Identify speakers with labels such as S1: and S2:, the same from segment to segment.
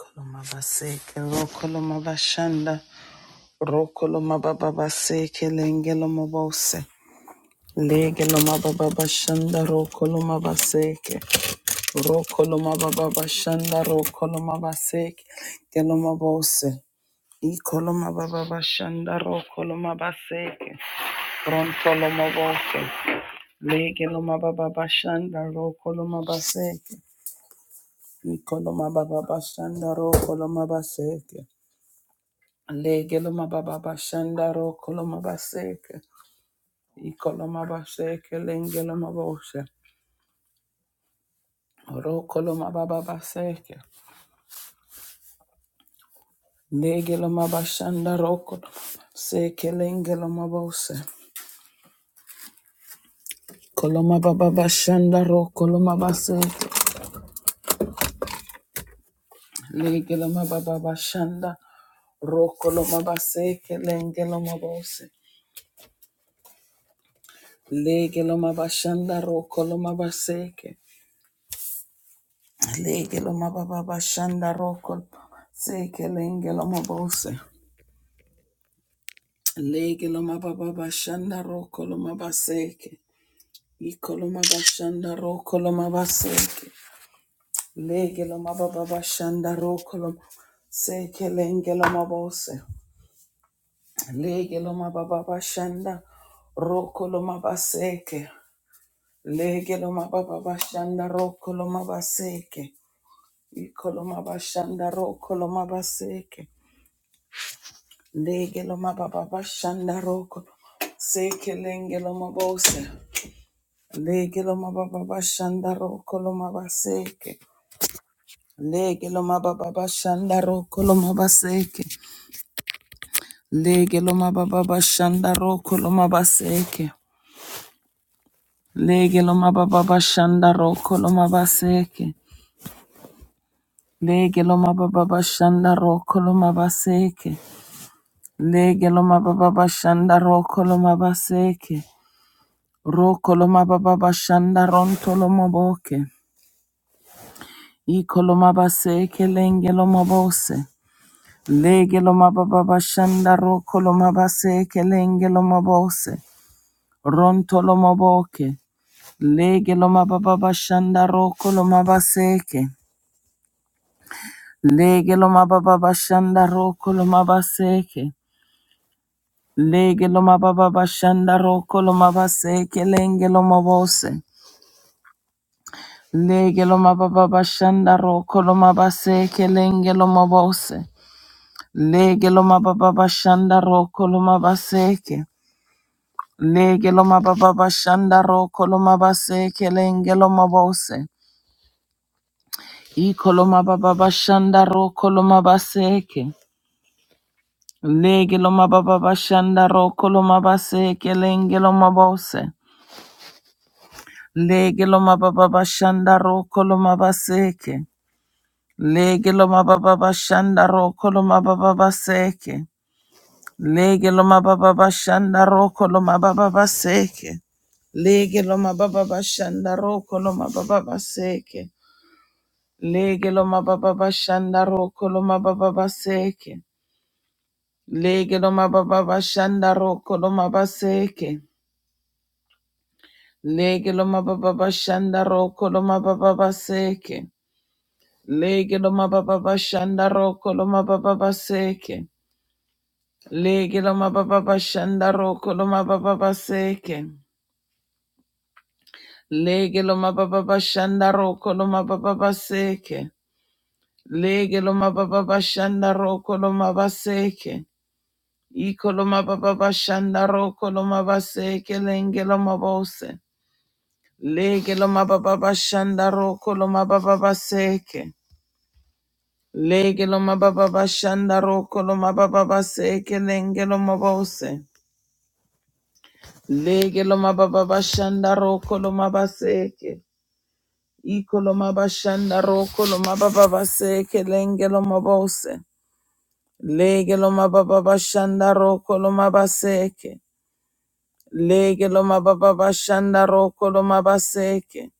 S1: Kolomabaseke, rokolomabashanda, rokolomabababaseke, lengelomabose, legelomabababashanda, rokolomabaseke, rokolomabababashanda, rokolomabaseke, lengelomabose, ikolomabababashanda, rokolomabaseke, rontolomabose, legelomabababashanda, rokolomabaseke, ikolomabababashanda, rokolomabaseke, Legeloma baba bashanda ro koloma baseke. Ikoloma baseke lengeloma boshe. Ro koloma baba baseke. Legeloma bashanda ro koloma baseke lengeloma boshe. Koloma baba bashanda ro koloma baseke. Legeloma baba bashanda ro koloma baseke lengeloma boshe. Legeloma bashanda ro koloma baseke. Legelo mababa bashanda roko seke lengelo mabose. Legelo mababa bashanda roko lo mabaseke. Ikolo mabashanda roko lo mabaseke. Legelo mababa bashanda roko lo seke lengelo mabose. Legelo mababa bashanda roko lo mabaseke. Legelo mababa bashanda roko lo mabaseke. Ikolo mabashanda roko lo mabaseke. Legelo mababa bashanda roko seke lengelo mabose. Legelo mababa bashanda roko lo mabaseke. Legelo mababa bashanda roko lo mabaseke. Legelo mababa bashanda roko lo mabaseke. Legelo mababa bashanda roko lo mabaseke. Legelo mababa bashanda roko lo mabaseke. Legelo mababa bashanda roko lo mabaseke. Rokoloma baba bashanda rontoloma boke. Ikoloma base kelengeloma bose. Legeloma baba bashanda rokoloma base kelengeloma bose. Rontoloma boke. Legeloma baba bashanda rokoloma baseke. Legeloma baba bashanda rokoloma baseke. Legeloma baba bashanda rokoloma baseke lengeloma bose. Lege lo mababa shanda ro lo mabase kelenge lo mabose. Lege lo mababa shanda roko lo mabaseke. Lege lo mababa shanda roko lo mabase kelenge lo mabose. Iko lo mababa shanda roko lo mabaseke. Lege lo mababa shanda roko lo mabase kelenge lo mabose. Lege lo mababa shanda roko lo mabaseke. Lege lo mababa bashanda roko lo mababa baseke. Lege lo mababa bashanda roko lo mababa baseke. Lege lo mababa bashanda roko lo mababa baseke. Lege lo mababa bashanda roko lo mababa baseke. Lege lo mababa bashanda roko lo mabaseke. Lege lo mababa bashanda roko lo mababa baseke. Lege lo mababa bashanda roko lo mababa baseke. Lege lo mababa bashanda roko lo mababa baseke. Lege lo mababa bashanda roko lo mababa baseke. Lege lo mababa bashanda roko lo mabaseke. Iko lo mababa bashanda roko lo mabaseke lenge lo mabose. Lege lo mababa bashanda roko lo mababa baseke. Lege lo mababa bashanda roko lo mababa baseke lenge lo mabose. Lege lo mababa bashanda roko lo mabaseke. Iko lo mabashanda roko lo mababa baseke lenge lo mabose. Lege lo mababa bashanda roko lo mabaseke. Lege lo mababa bashanda roko lo mabaseke.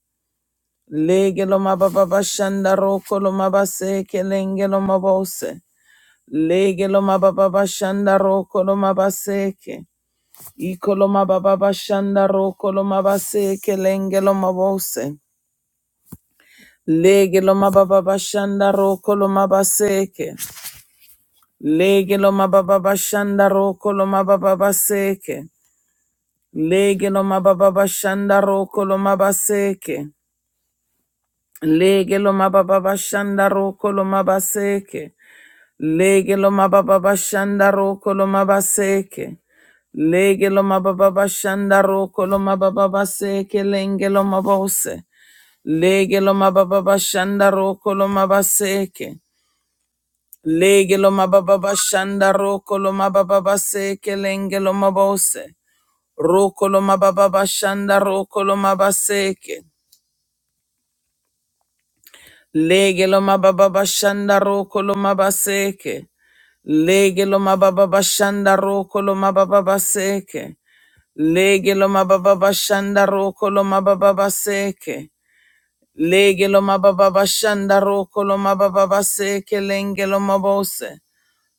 S1: Lege lo mababa bashanda roko lo mabaseke lenge lo mabose. Lege lo mababa bashanda roko lo mabaseke. Ikoloma baba bashanda ro koloma base kelenge loma bose. Lege loma baba bashanda ro koloma baseke. Lege loma baba bashanda ro koloma baba baseke. Lege loma baba bashanda ro koloma baseke. Lege loma baba bashanda ro koloma baseke. Lege lo mababa bashanda roko lo mabaseke. Lege lo mababa bashanda roko lo mababa baseke lenge lo mabose. Lege lo mababa bashanda roko lo mabaseke. Lege lo mababa bashanda roko lo mababa baseke lenge lo mabose. Roko lo mababa bashanda roko lo mabaseke. Lege lo mababa bashanda roko lo mabaseke. Lege lo mababa bashanda roko lo mababa baseke. Lege lo mababa bashanda roko lo mababa baseke. Lege lo mababa bashanda roko lo mababa baseke lenge lo mabose.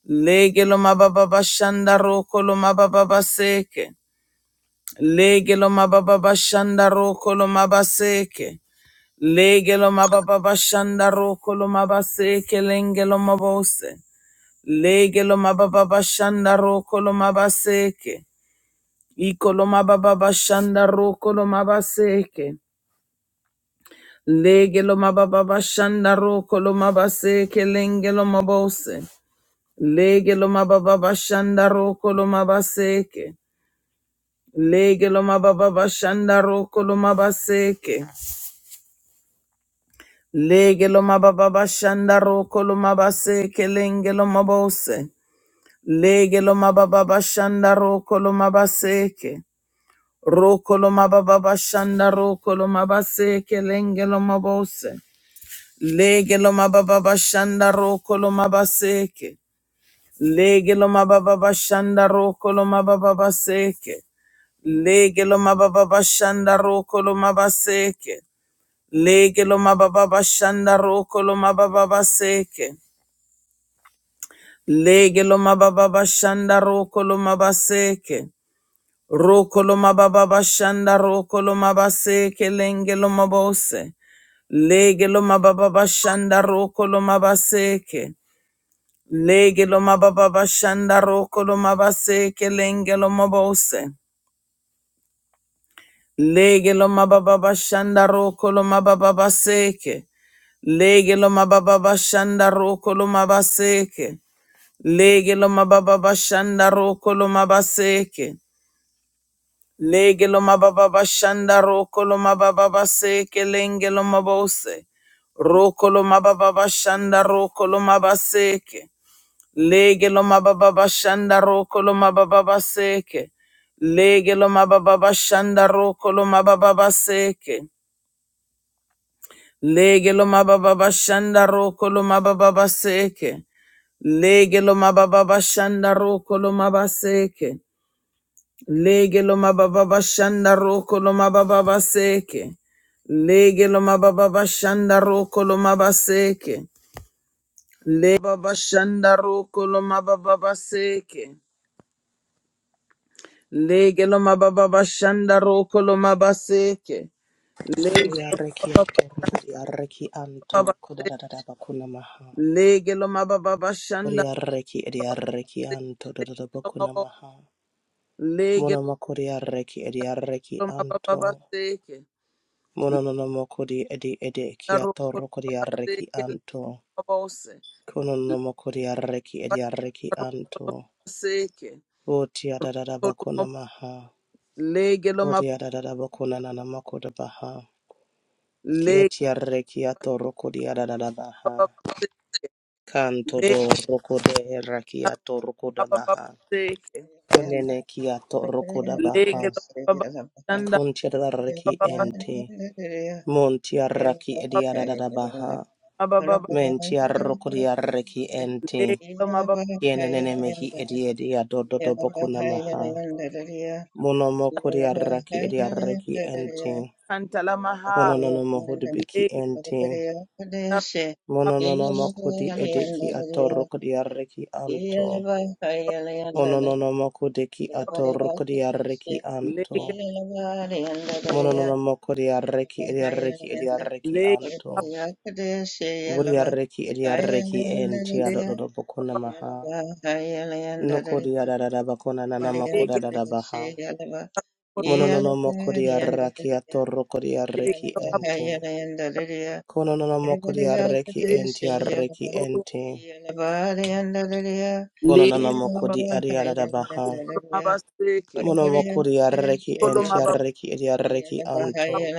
S1: Lege lo mababa bashanda roko lo mababa baseke. Lege lo mababa bashanda roko lo mabaseke. Lege lo mababa bashanda roko lo mabaseke lenge lo mabose. Lege lo mababa bashanda roko lo mabaseke. Iko lo mababa bashanda roko lo mabaseke. Lege lo mababa bashanda roko lo mabaseke lenge lo mabose. Lege lo mababa bashanda roko lo mabaseke. Lege lo mababa bashanda roko lo mabaseke. Lege lo mababa bashanda roko lo mabaseke lenge lo mabose. Lege lo mababa bashanda roko lo mabaseke. Rokoloma baba shanda rokoloma base kelenge loma bose. Lege loma baba shanda rokoloma baseke. Lege loma baba shanda rokoloma baba baseke. Lege loma baba shanda rokoloma baseke. Lege loma baba shanda rokoloma baba baseke. Lege loma baba shanda rokoloma baseke. Rokoloma baba bashanda rokoloma base kelenge loma bose. Lege loma baba bashanda rokoloma baseke. Lege loma baba bashanda rokoloma base kelenge loma bose. Lege loma baba bashanda rokoloma baba baseke. Lege loma baba bashanda rokoloma baseke. Lege loma baba bashanda rokoloma baseke. Lege lo mababa bashanda roko lo mababa baseke lenge lo mabose. Roko lo mababa bashanda roko lo mabaseke. Lege lo mababa bashanda roko lo mababa baseke. Lege lo mababa bashanda roko lo mababa baseke. Lege lo mababa bashanda roko lo mababa baseke. Lege lo mababa bashanda roko lo mabaseke. Lege lo mababa bashanda roko lo mababa baseke. Lege lo mababa shanda roko lo mabaseke. Le baba shanda roko lo mababa seke. Lege lo mababa shanda roko lo mabaseke. Lege lo
S2: Oriareki atoro, oriareki
S1: mababa
S2: anto,
S1: se.
S2: kodadada bakuna maha.
S1: Lege lo mababa shanda
S2: Oriareki ediareki
S1: roko
S2: anto, dodada
S1: lo
S2: bakuna
S1: mabo.
S2: maha.
S1: Lege
S2: Mono makoriareki ediareki
S1: lo mababa
S2: anto.
S1: seke.
S2: Mono no makodi edi edi
S1: La roko lo
S2: kiatoro kodiareki
S1: mabaseke le
S2: anto.
S1: mabose.
S2: Kono
S1: Le
S2: no makoriareki
S1: baba
S2: ediareki
S1: roko
S2: anto. Otia dadada
S1: Roko lo
S2: bakuna
S1: mabo.
S2: maha.
S1: Lege lo mab.
S2: Otia dadada bakuna nana makoda baha.
S1: Lege
S2: Kiatiareki atoro kodiadada
S1: lo
S2: baha.
S1: mababa se.
S2: Kanto do
S1: Lege
S2: rokode herakiato rokoda
S1: lo mababa
S2: baha.
S1: seke.
S3: Yolanda,
S2: Konene kia kiato
S3: Andrea
S2: rokoda
S3: the
S2: baha.
S1: Lege lo mababa
S3: Yalabai,
S1: shanda
S2: Kuntiada raki
S1: mababa
S3: Yalabai,
S2: ente.
S3: Andrea,
S2: Montia
S3: Yalabai, Yolanda, Yalabai, Andrea Perez,
S2: raki
S3: Yalabai,
S2: ediada da da baha.
S1: mababa mababa.
S3: Yolanda, Yalabai, Yolanda,
S2: Mentia
S3: Andrea,
S2: rokodia reki ente.
S1: lege lo
S3: Yalabai, Yolanda, Andrea, Yalabai,
S1: mababa
S2: Yenene mehi ediedia do do do
S3: Yolanda, Andrea
S2: bokuna
S3: Perez,
S2: maha.
S3: Yalabai,
S2: Monomo kodia raki
S3: Yolanda,
S2: edia reki ente.
S1: kantala
S2: mono
S1: maha
S2: Mononono biki
S1: lege
S2: ente.
S1: lo mab-
S2: mono Mononono kodi edeki ato rokodia reki anto.
S3: Andrea Perez, Yalabai, Yolanda,
S2: Ononomoko deki atoroko
S3: Yeah.
S2: diareki
S1: lege
S2: anto. Mononomoko diareki ediareki ediareki
S1: lege
S2: anto. Vodiareki ediareki enti
S1: lege
S2: adododo bokona maha. Noko diarada bakona nanamako
S1: lege
S2: dadada baha.
S1: lo mab-
S2: Mononomoko diareki atoroko
S1: lege
S2: diareki
S1: lo mababa
S2: enti. Kononomoko diareki enti areki enti.
S1: lege lo
S2: Kononomoko
S1: mababa
S2: diarada baha.
S1: ruko lo mababa seke
S3: Yeah.
S2: Monomoko diareki
S1: kolo
S2: enti
S1: mababa
S2: areki ediareki anto.
S1: mababa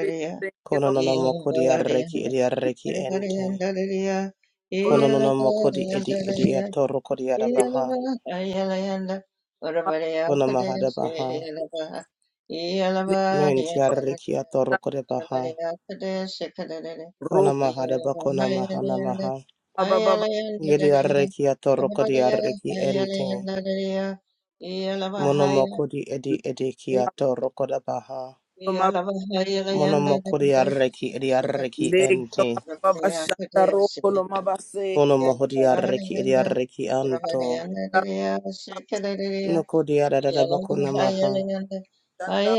S1: lege lege
S2: Kono
S1: lo
S2: Konononamokodi yarreki edi yarreki ente.
S1: kolo
S2: Konononamokodi edi edi atoro kodi
S1: lege
S2: adabaha.
S1: mab-
S2: Kono mahada baha.
S1: lege
S2: Menti yarreki atoro kodi baha. Kono
S1: ruko
S2: mahada bakona mahana maha.
S1: mababa mababa,
S2: Yedi yarreki atoro kodi yarreki ente. Monomokodi edi
S1: lege
S2: edi ki atoro koda baha.
S1: lo
S3: Yeah.
S1: mab
S2: Monomokodi yarreki edi yarreki
S1: lege lo
S2: ente.
S1: mababa shanda ruko lo mababa seke
S2: Konomohodi yarreki edi yarreki anto. Nokodi yarada bakona maha.
S1: shanda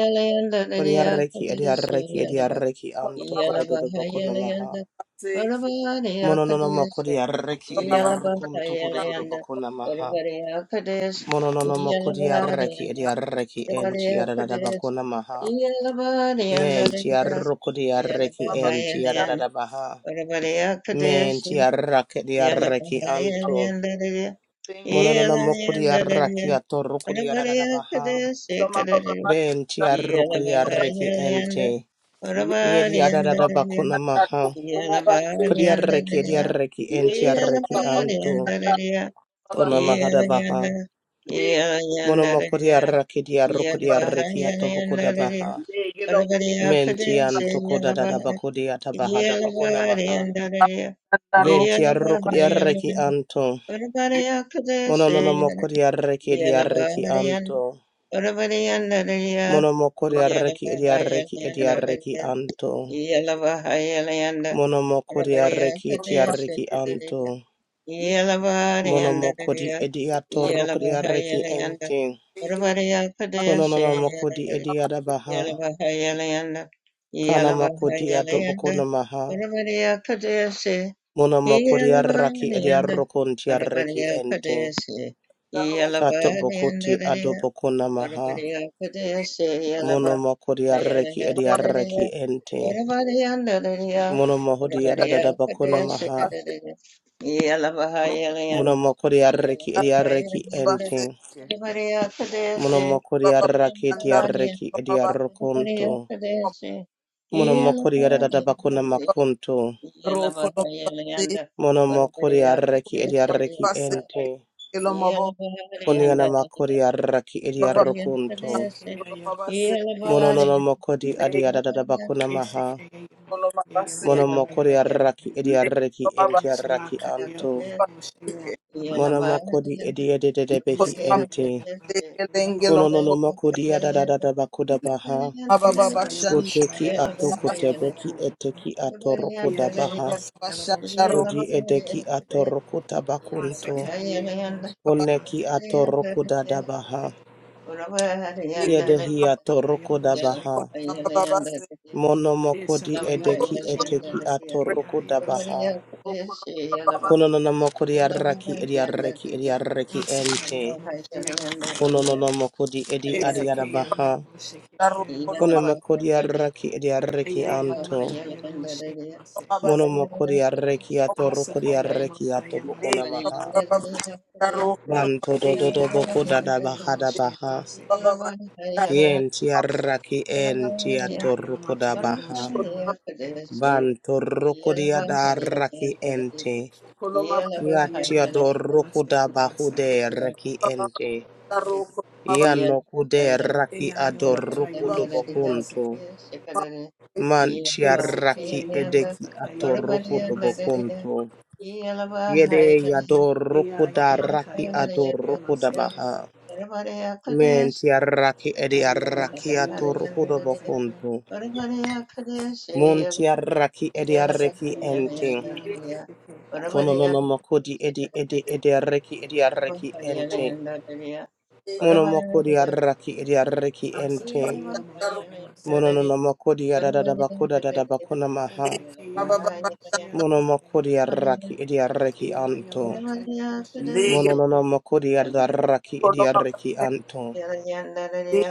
S2: Kodiarreki ediarreki ediarreki
S1: kolo
S2: anto
S1: mababa
S2: kododo boko namaha.
S1: seke
S2: Monononomo kodiarreki
S1: lo mababa
S2: ediarrukun to kododo boko namaha. Monononomo kodiarreki ediarreki
S3: Anybody
S2: enti
S3: else for
S2: yadada boko
S3: this?
S2: namaha.
S3: Anybody under
S2: Men
S3: this?
S2: tiarruku diarreki
S1: mababa
S3: Anybody
S2: enti
S3: in the end?
S2: yadada baha.
S3: Anybody else for
S2: Men
S3: this? Anybody
S2: tiarraki
S3: in
S2: diarreki anto.
S3: the end of the year?
S1: Thank
S2: Monononomo
S3: Anybody under the
S2: kodiarreki
S3: year?
S2: atorruku
S3: Anybody
S2: diarada
S3: else for
S2: baha.
S3: this? Anybody in the end?
S2: Ben tiarruku
S3: Anybody
S2: diarreki
S3: under the year?
S2: ente. Yedi
S3: Anybody
S2: yadada
S3: under the
S2: boko
S3: year?
S2: maha.
S3: Anybody under the
S2: Kodiarreki
S3: year?
S2: ediarreki
S3: Anybody under?
S2: entiarreki
S3: Anybody
S2: anto.
S3: under the
S2: Ona mahada baha. Mono
S3: year?
S2: mokodiarreki diarrokodiarreki
S3: Everybody
S2: atobokoda
S3: under the year.
S2: baha.
S3: Arabariya
S2: Menti
S3: Kadesha
S2: anto
S3: Yalava
S2: kodadada bakodi atabahada
S3: Yalava
S2: bakona maha.
S3: Yandaraya Yalava
S2: Ventiarrokodiarreki
S3: Yalava
S2: anto.
S3: Arabariya
S2: Mono
S3: Kadesha
S2: nono mokodiarreki
S3: Yalava
S2: ediarreki anto.
S3: Yan Arabaryandaraya
S2: Mono mokodiarreki
S3: Yalava
S2: ediarreki ediarreki
S3: Yandaraya
S2: anto.
S3: Yalava Yalanda
S2: Mono
S3: Arabariya
S2: mokodiarreki
S3: Kadesha
S2: etiarreki anto.
S3: Yalava
S2: Mono mokodi
S3: Yandaraya Yalava
S2: ediatorrokodiarreki
S3: Yalanda
S2: ente.
S3: Arabariya
S2: Kononana makodi
S3: Kadesha
S2: edi adabaha,
S3: Yalabahayalayanda,
S2: Kana makodi
S3: Yalabahayalayanda,
S2: adobokonamaha.
S3: Parabariya Kadesi,
S2: Mona makodi arraki
S3: Yalabahayalayanda,
S2: ediarrokon tiarreki
S3: Parabariya
S2: ente.
S3: Kadesi,
S2: Kato bokoti
S3: Yalabahayalayanda,
S2: adobokonamaha.
S3: Orabadiya Padaya
S2: Mona
S3: Seyalaba
S2: makodi arreki ediarreki
S3: Ayahandalaya
S2: ente.
S3: Orabadiya Andalaya
S2: Mona mahodi
S3: Orabadiya Padaya
S2: adadabakonamaha.
S3: Sekadalaya Yalaba Hayalayan
S2: Mona makodi arreki
S3: Yalaba
S2: ediarreki
S3: Hayalayan
S2: ente.
S3: Orabadiya Padaya
S2: Mona
S3: Se
S2: makodi arraki
S3: Yalaba
S2: edi
S3: Hayalayan Orabadiya
S2: ediarrokonto.
S3: Padaya Se
S2: Mona
S3: Yalaba
S2: makodi
S3: Hayalayan
S2: adadabakonamakunto.
S3: Yalaba Hayalayan
S2: Mona makodi
S3: Orabadiya
S2: arreki
S3: Padaya Se
S2: ediarreki ente.
S3: Yalaba
S2: Koniana
S3: Hayalayan
S2: makori arraki edi
S4: Yes,
S2: arrokunto. Mono no makodi adi adadada bakuna maha.
S3: yeah.
S2: Mono makori arraki edi arraki enti arraki anto. Mono makodi edi ededede behi
S1: you.
S2: enti.
S1: Lengelenge
S2: Kono no no
S1: lombo,
S2: makodi adadada bakuda baha.
S1: mababa bashanda,
S2: Uteki ato
S1: mababa
S2: kutebeki eteki ato rokuda baha.
S1: bashanda ro,
S2: Odi edeki ato rokuta bakunto.
S1: mababa
S2: Oneki ato rokuda da baha. Yedehi ato rokuda baha.
S1: mababa basi,
S2: Monomokodi
S3: Yeah.
S2: edeki eteki atoroku
S3: Orabariya
S2: dabaha.
S3: Pradeshi,
S1: mababa
S3: Yelabahiya
S1: basi,
S2: Kononomokodi arraki edi arraki edi arraki ente. Kononomokodi edi adiarabaha.
S1: karo kono
S2: Konomokodi arraki edi arraki
S1: mababa
S4: Ayala
S2: anto.
S4: Asaka
S1: mababa basi,
S2: Monomokodi arraki atoroku di arraki atobokonamaha.
S1: mababa karo,
S2: Banto dododoboko dadabaha dabaha.
S1: mababa bashanda,
S2: Yenti
S1: mababa
S2: arraki enti atoroku dabaha. Banto rokodi adarraki ente.
S1: kono
S3: Yeah.
S1: mababa
S2: Yatia dorukuda bahude reki ente.
S1: karo kono mababa
S2: Yano kude raki adorukudo bokunto.
S1: basi,
S2: Mantia raki edeki atorukudo bokunto. Yede yadorukuda raki adorukuda baha. Mentia raki edi araki atorukudo bokunto. Muntia raki edi araki ente.
S4: Yelamo
S2: Kono no no makodi edi edi edi araki edi araki ente.
S3: Yeah.
S2: Mono moko di arraki edi arreki ente.
S1: karo,
S4: Shayama
S2: Mono
S4: Seke.
S2: no moko di adada bakuda dada bakuna maha.
S4: Ezekiel
S1: mababa basi,
S4: Yalamosa
S2: Mono
S4: Yamase,
S2: moko di arraki edi arreki
S4: Ea
S2: anto.
S4: Yalamaka Yalamosa
S1: lege
S2: Mono no
S4: Yamase,
S2: moko di adarraki
S1: kono
S2: edi
S1: mababa
S2: arreki anto.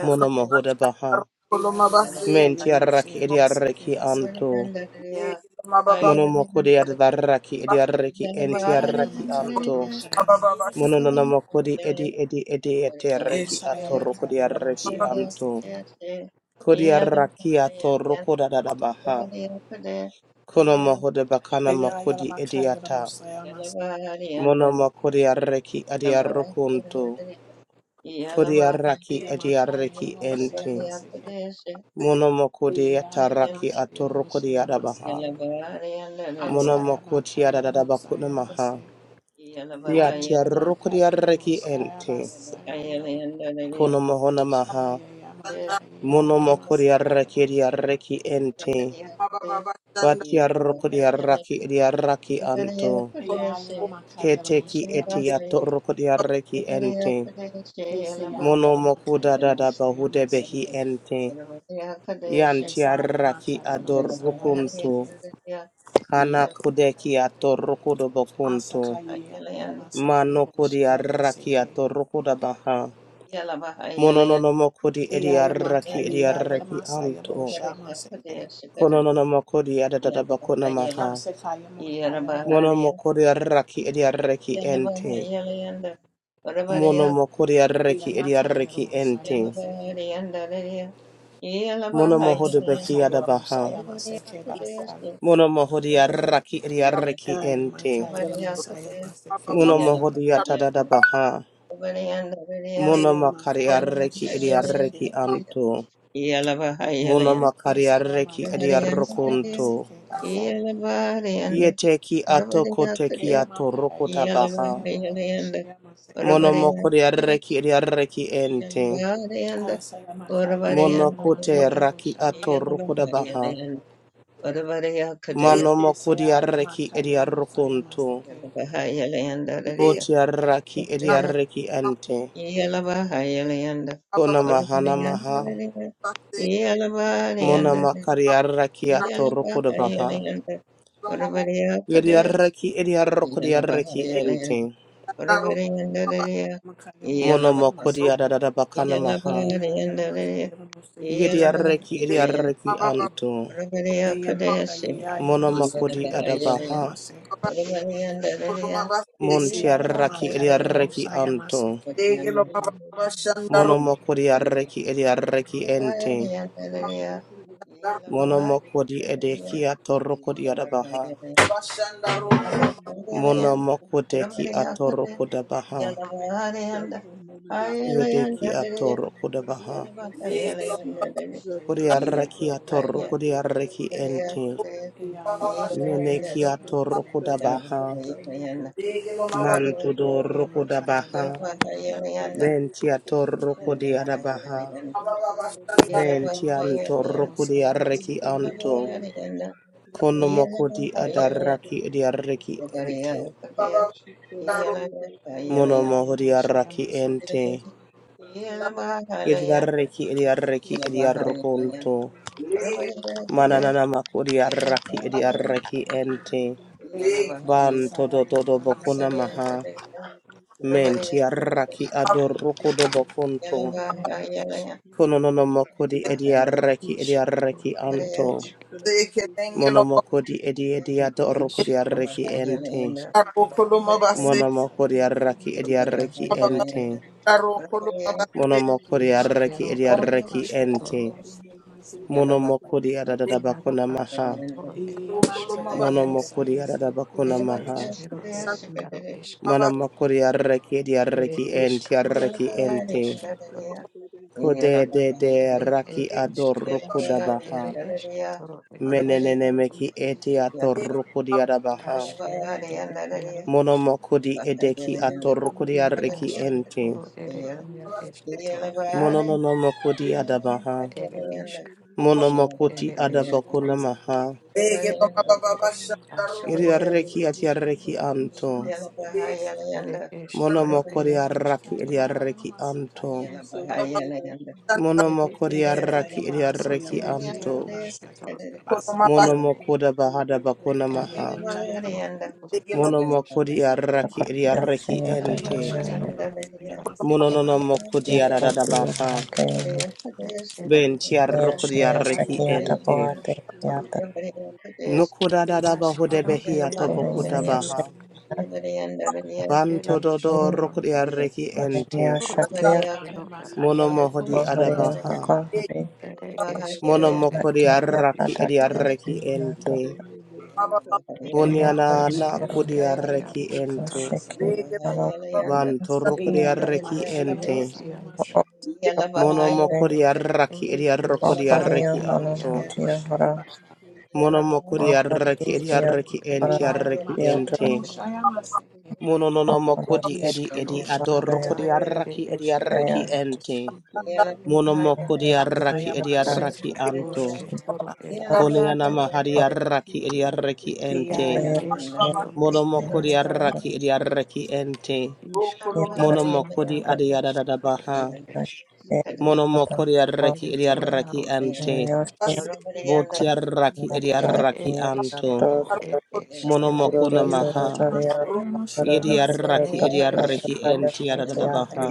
S2: Mono moho da
S1: basi,
S2: baha.
S1: karo
S4: Ea
S1: kono
S4: Yalamaka
S2: Menti
S4: Yalamosa
S2: arraki edi
S4: Yamase
S2: arreki
S4: Kebasa,
S2: anto.
S1: mababa basi.
S2: Mono moko di adarraki edi
S1: Legelo
S2: arreki
S3: Yeah.
S4: Ea
S2: enti arreki
S4: Yalamaka
S2: anto.
S4: Yalamosa Yamase,
S2: Mono no moko di edi edi edi ete arreki
S4: Esha
S2: atoroko
S4: Yamaka
S2: di
S4: Yalamosa
S2: arreki
S4: Yamase,
S2: anto. Kodiarrakia toroko da da da baha. Kono mohude bakana
S4: Ea
S2: makudi
S4: Yalamaka
S2: idiata.
S4: Yalamosa Yamase,
S2: Mono makudi arreki adiarrukuntu. Kudi arraki
S4: Ea Maka
S2: adiarreki
S4: Yalamosa
S2: ente.
S4: Yamase,
S2: Mono makudi
S4: Ea
S2: atarraki
S4: Yalamaka Yalamosa
S2: aturrukudi adabaha.
S4: Yamase,
S2: Mono
S4: Asa
S2: makuti
S4: Yamaka Yalamosa
S2: adadabakuna
S4: Yamase,
S2: maha.
S4: Aya
S2: Yati
S4: Yamaka
S2: arrukudi arreki
S4: Yalamosa
S3: Yeah.
S2: ente.
S4: Yamase,
S2: Kono mahona maha.
S4: Eya makaya
S2: Mono makudi arreki adiarreki ente. Bati arrukudi arraki adiarraki antu. Keteki eti aturrukudi arreki ente. Mono mokuda da da bahude behi ente. Yantiaraki adorukuntu. Kana kudeki atorukudo bokuntu. Mano kudi araki atorukuda baha. Mono no no mokudi edi araki edi araki anto. Kono no no mokudi adada bakuna maha. Mono
S3: Yarabahariya,
S2: mokudi araki edi araki ente.
S3: Yalabahayalayanda, Varabariya,
S2: Mono mokudi araki edi
S4: la
S2: araki
S4: mosaya
S2: ente.
S4: maseke.
S3: Yalabahariyanda, Lariya,
S2: Mono
S4: Ah,
S2: mohude beki
S3: Yalabahayalayanda,
S4: samakaya la
S2: adabaha.
S4: mosaya
S3: Varabariya,
S4: maseke basa.
S3: Kudayasti,
S2: Mono mohodia raki
S3: Yalabahayalayanda,
S2: idiarreki
S4: Aya
S2: ente.
S4: maka yala
S3: Varabariya,
S4: masaya
S3: Kudaya,
S4: maseke
S2: Mono
S4: basa.
S2: mohodia tadada
S3: Yalabahayalayanda,
S2: baha.
S3: Varabariya, Lariya,
S2: Mono
S4: Deya maka yala
S2: makariarreki
S4: masaya maseke.
S3: Yalabahayalayanda,
S2: idiarreki
S3: Lariya,
S2: anto. Mono
S3: Yalabahayalayanda,
S4: Esaya
S2: makariarreki
S4: maka yala
S3: Varabariya, Lariya,
S4: masaya
S2: idiarrokonto.
S4: masike basta.
S3: Yalabahariyanda,
S2: Yeteki atoko
S3: Varabariya,
S2: teki
S4: Eya
S3: Kudaya,
S2: ato
S4: maka
S2: atorokota
S4: yala
S2: baha.
S4: masaya boku
S3: Yalabahayalayanda,
S4: shaya maseke.
S2: Mono
S3: Varabariya,
S2: mokodiarreki idiarreki ente.
S3: Yalabarayanda,
S4: Asaya maka yala
S2: Mono
S3: Orabarayanda,
S4: yala
S2: kote
S4: masaya
S3: Kadaya,
S2: raki
S4: bosha
S2: ato
S4: masike.
S2: atorokoda baha.
S3: Yalabahayalayanda, Orabaraya Kadaya,
S2: Mano
S4: Esaya yala
S2: mokodiarreki
S4: maka yala masaya
S2: idiarrokonto.
S4: masike.
S3: Yalabahayalayanda, Dadaya,
S2: Botiarraki
S3: Dadaya,
S2: idiarreki ente.
S3: Yalabahayalayanda,
S2: Kona mahana
S3: Orabarayanda,
S2: maha.
S3: Dadaya,
S2: Mona
S3: Yalabarayanda,
S2: makari arraki atoroko de baha.
S3: Yalabahayalayanda, Orabaraya
S2: Yeri
S3: Kadaya,
S2: arraki eri arroko di arraki
S3: Yalabahayalayanda,
S2: ente.
S3: Orabarayanda, Dadaya,
S4: Maka yala
S2: Mona
S4: masaya
S2: makori
S4: masike.
S2: adadada bakana maha.
S4: Eya yala
S3: Yalabahayalayanda,
S4: maka yala masaya
S2: Yeri
S4: masike.
S2: arraki eri
S3: Dadaya,
S2: arraki anto.
S3: Orabariya
S4: Eya maka
S3: Kadesi,
S5: Shut
S4: yala
S2: Mona
S4: masaka
S2: makori
S5: you.
S4: yala masaya
S3: Yanabahayan,
S2: adabaha.
S4: masike.
S3: Orabarian Dadaria,
S2: Monti
S4: Isaiah
S2: arraki
S4: Yamaka
S2: eri
S3: Yanabahayan,
S2: arraki
S4: Yalamosaya
S2: anto.
S4: Maseke.
S3: Abadian,
S2: Mona
S3: Yanabahayan,
S2: makori arraki eri arraki ente.
S3: Orabarian Dadaria, Yanabahayan, Dadaria,
S2: Mona
S3: Yanabahayan,
S2: makori edeki atoroko di adabaha. Mona
S3: Yanabahayan,
S2: makoteki
S3: Orabariya Kadesi,
S2: atoroko da baha.
S3: Yanabahayan, Ayayan
S2: Yedeki
S3: Dadaria,
S2: atoroko da baha.
S3: Yanabahayan
S4: Isaiah
S3: Dadaria,
S4: Yamasaya
S2: Kodi Kodiaraki
S4: Masaya
S2: kodi
S3: Yanabahayan,
S4: Moseke.
S2: kodiaraki ente.
S4: Iya
S3: Orabariya
S4: Yalamaka
S2: Meneki
S3: Kadesi,
S4: Yalamasaya
S2: atoro
S4: Masaya.
S2: kodabaha. Mantodoro
S4: Yamaka
S2: kodabaha.
S4: Yamosaya
S5: Thank
S4: Maseke.
S2: Benti atoro kodiarabaha.
S4: Iya
S2: Menti
S4: Yalamaka
S2: antorro kodi
S4: Yalamosaya
S2: kodiaraki
S4: Maseke.
S2: anto. Konomoko di adaraki diaraki ente.
S4: Osaka
S2: Monomoko
S4: Yamosaya
S2: diaraki
S4: Maseke.
S2: ente.
S3: Yeah.
S2: Yedaraki diaraki diarokonto. Mananana makodiaraki diaraki ente.
S1: Thank
S4: Eseke
S2: Banto
S4: Masaya
S2: do do do
S4: Mosha
S2: bokuna
S4: Maseke.
S2: maha.
S5: you.
S2: Menti arraki
S5: Thank
S2: adorruku dobo kuntu. Konononomoko di edi arraki edi arraki
S3: Yeah.
S2: anto. Monomoko di edi edi adorruku di arraki ente.
S4: Esamaka
S2: Monomoko
S4: Yamosaya
S2: di
S4: Maseke.
S2: arraki edi arraki ente. Monomoko di
S4: Yamaka
S2: arraki edi arraki
S4: Yamasaka
S2: ente.
S4: Yamosaya Maseke.
S2: Monomoko di adadabakuna maha.
S4: Yamaka
S2: Monomoko di
S4: Yalamosaya Maseke.
S2: adadabakuna
S4: Mosha
S2: maha.
S4: Mosaya Maseke.
S2: Monomoko di arraki edi arraki
S5: you.
S2: ente arraki ente.
S5: Thank
S2: Kode de de raki adorruku dabaha. Menenemeki eti atorukudi adabaha. Monomokudi edeki atorukudi areki enti.
S3: Yeah.
S2: Mononomokudi adabaha. Monomokuti adabakuna maha. Iri areki ati areki anto.
S4: Ayamakushamasekebasa.
S2: Monomokudi araki iri areki anto.
S4: Ayamakayeayalamasakayamosayabasa.
S2: Monomokudi araki iri areki anto.
S5: you. Shut
S4: Esekayamasayaboshayamasakayalabasekebo.
S2: Monomokuda bahada bakuna maha.
S4: Emakayalabakushekebasa.
S2: Monomokudi araki iri
S6: Sakarya
S2: areki
S6: Shayata
S2: enti.
S6: Nivaya
S4: Eyayayalamakayalamosayamasakebasa.
S2: Mononomokudi
S6: Patiya
S2: adadabaha.
S6: Harakaya
S2: Ben
S6: Nutaya
S2: tiarroko
S6: Shaya
S2: diarreki
S6: Sakyata
S2: ente.
S6: Bhavati Yata
S3: Yeah.
S2: Nukuda dada bahude
S4: Esakamaya.
S2: behia
S6: Guru
S2: tobokuda baha.
S6: Yasena
S4: Ayalabosakamaseke.
S2: Banto dodo roko diarreki
S6: Hariya
S2: ente.
S6: Shakya
S2: Mono mohodi
S6: Hariya
S2: adabaha.
S4: Ayamakayalabakushamasekeba.
S6: Haka Hari
S2: Mono moko
S6: Vataya
S2: diarraki
S6: Patata
S2: ediarreki
S6: Yata
S5: Thank
S2: ente. Onyana
S6: Lokaya
S2: na
S6: Guru
S5: you.
S2: kudiarreki ente.
S6: Shaki
S4: Ayamakayalamoshakayabakushamasekeba.
S6: Nala
S2: Banto
S5: Thank
S2: roko
S6: Sakinda
S2: diarreki ente.
S4: Eyayayalamakayalamosayamaseke.
S2: Mono moko
S6: Opshapahare
S2: diarraki ediarroko
S6: Opariya
S2: diarreki
S4: Etsikaya
S6: Hana
S4: moshaya
S2: anto.
S6: Hatiya Hara
S4: maseke basa.
S2: Mono moko
S6: Mahati
S2: diarraki
S6: Hiya
S2: ediarreki ente
S6: Hara
S4: Eyaya
S2: arreki
S4: lamakaya
S6: Yatra
S2: ente.
S4: lamoshaya maseke.
S3: Yeah.
S2: Mononomoko di edi edi
S6: Mataya
S2: adorokodi arraki edi arraki
S6: saya
S2: ente.
S6: na
S2: Monomoko di
S6: hati
S4: Asaya
S2: arraki edi
S6: hakat
S4: masheke
S2: arraki
S4: boku
S2: anto.
S4: mosheke
S6: kita
S4: basa.
S2: Kone Koneanama hadi arraki edi arraki ente.
S4: Eyaya
S6: mataya ya
S4: lamakaya lamoshaya
S6: ya
S2: Monomoko di
S4: mase.
S2: arraki
S6: hati
S2: edi arraki ente.
S6: harap
S2: Monomoko di adi adadada
S6: saya kata
S2: Monomoko di
S5: you.
S2: arraki edi arraki
S5: Sita mwenye mkoba mbele mbele mbele
S2: ente.
S6: saya saya
S2: Boti
S6: bukan
S2: arraki edi arraki
S6: mataya
S2: anto.
S6: atau guru
S2: Monomokuna
S6: rasul
S2: maha.
S4: Eyaya
S6: saya
S4: lamakaya
S6: para
S4: lamoshaya
S2: Yedi
S4: mase.
S6: rakyat
S2: arraki edi
S6: tata
S2: arraki
S6: kaya
S2: ente adadada
S6: kaya
S2: baha.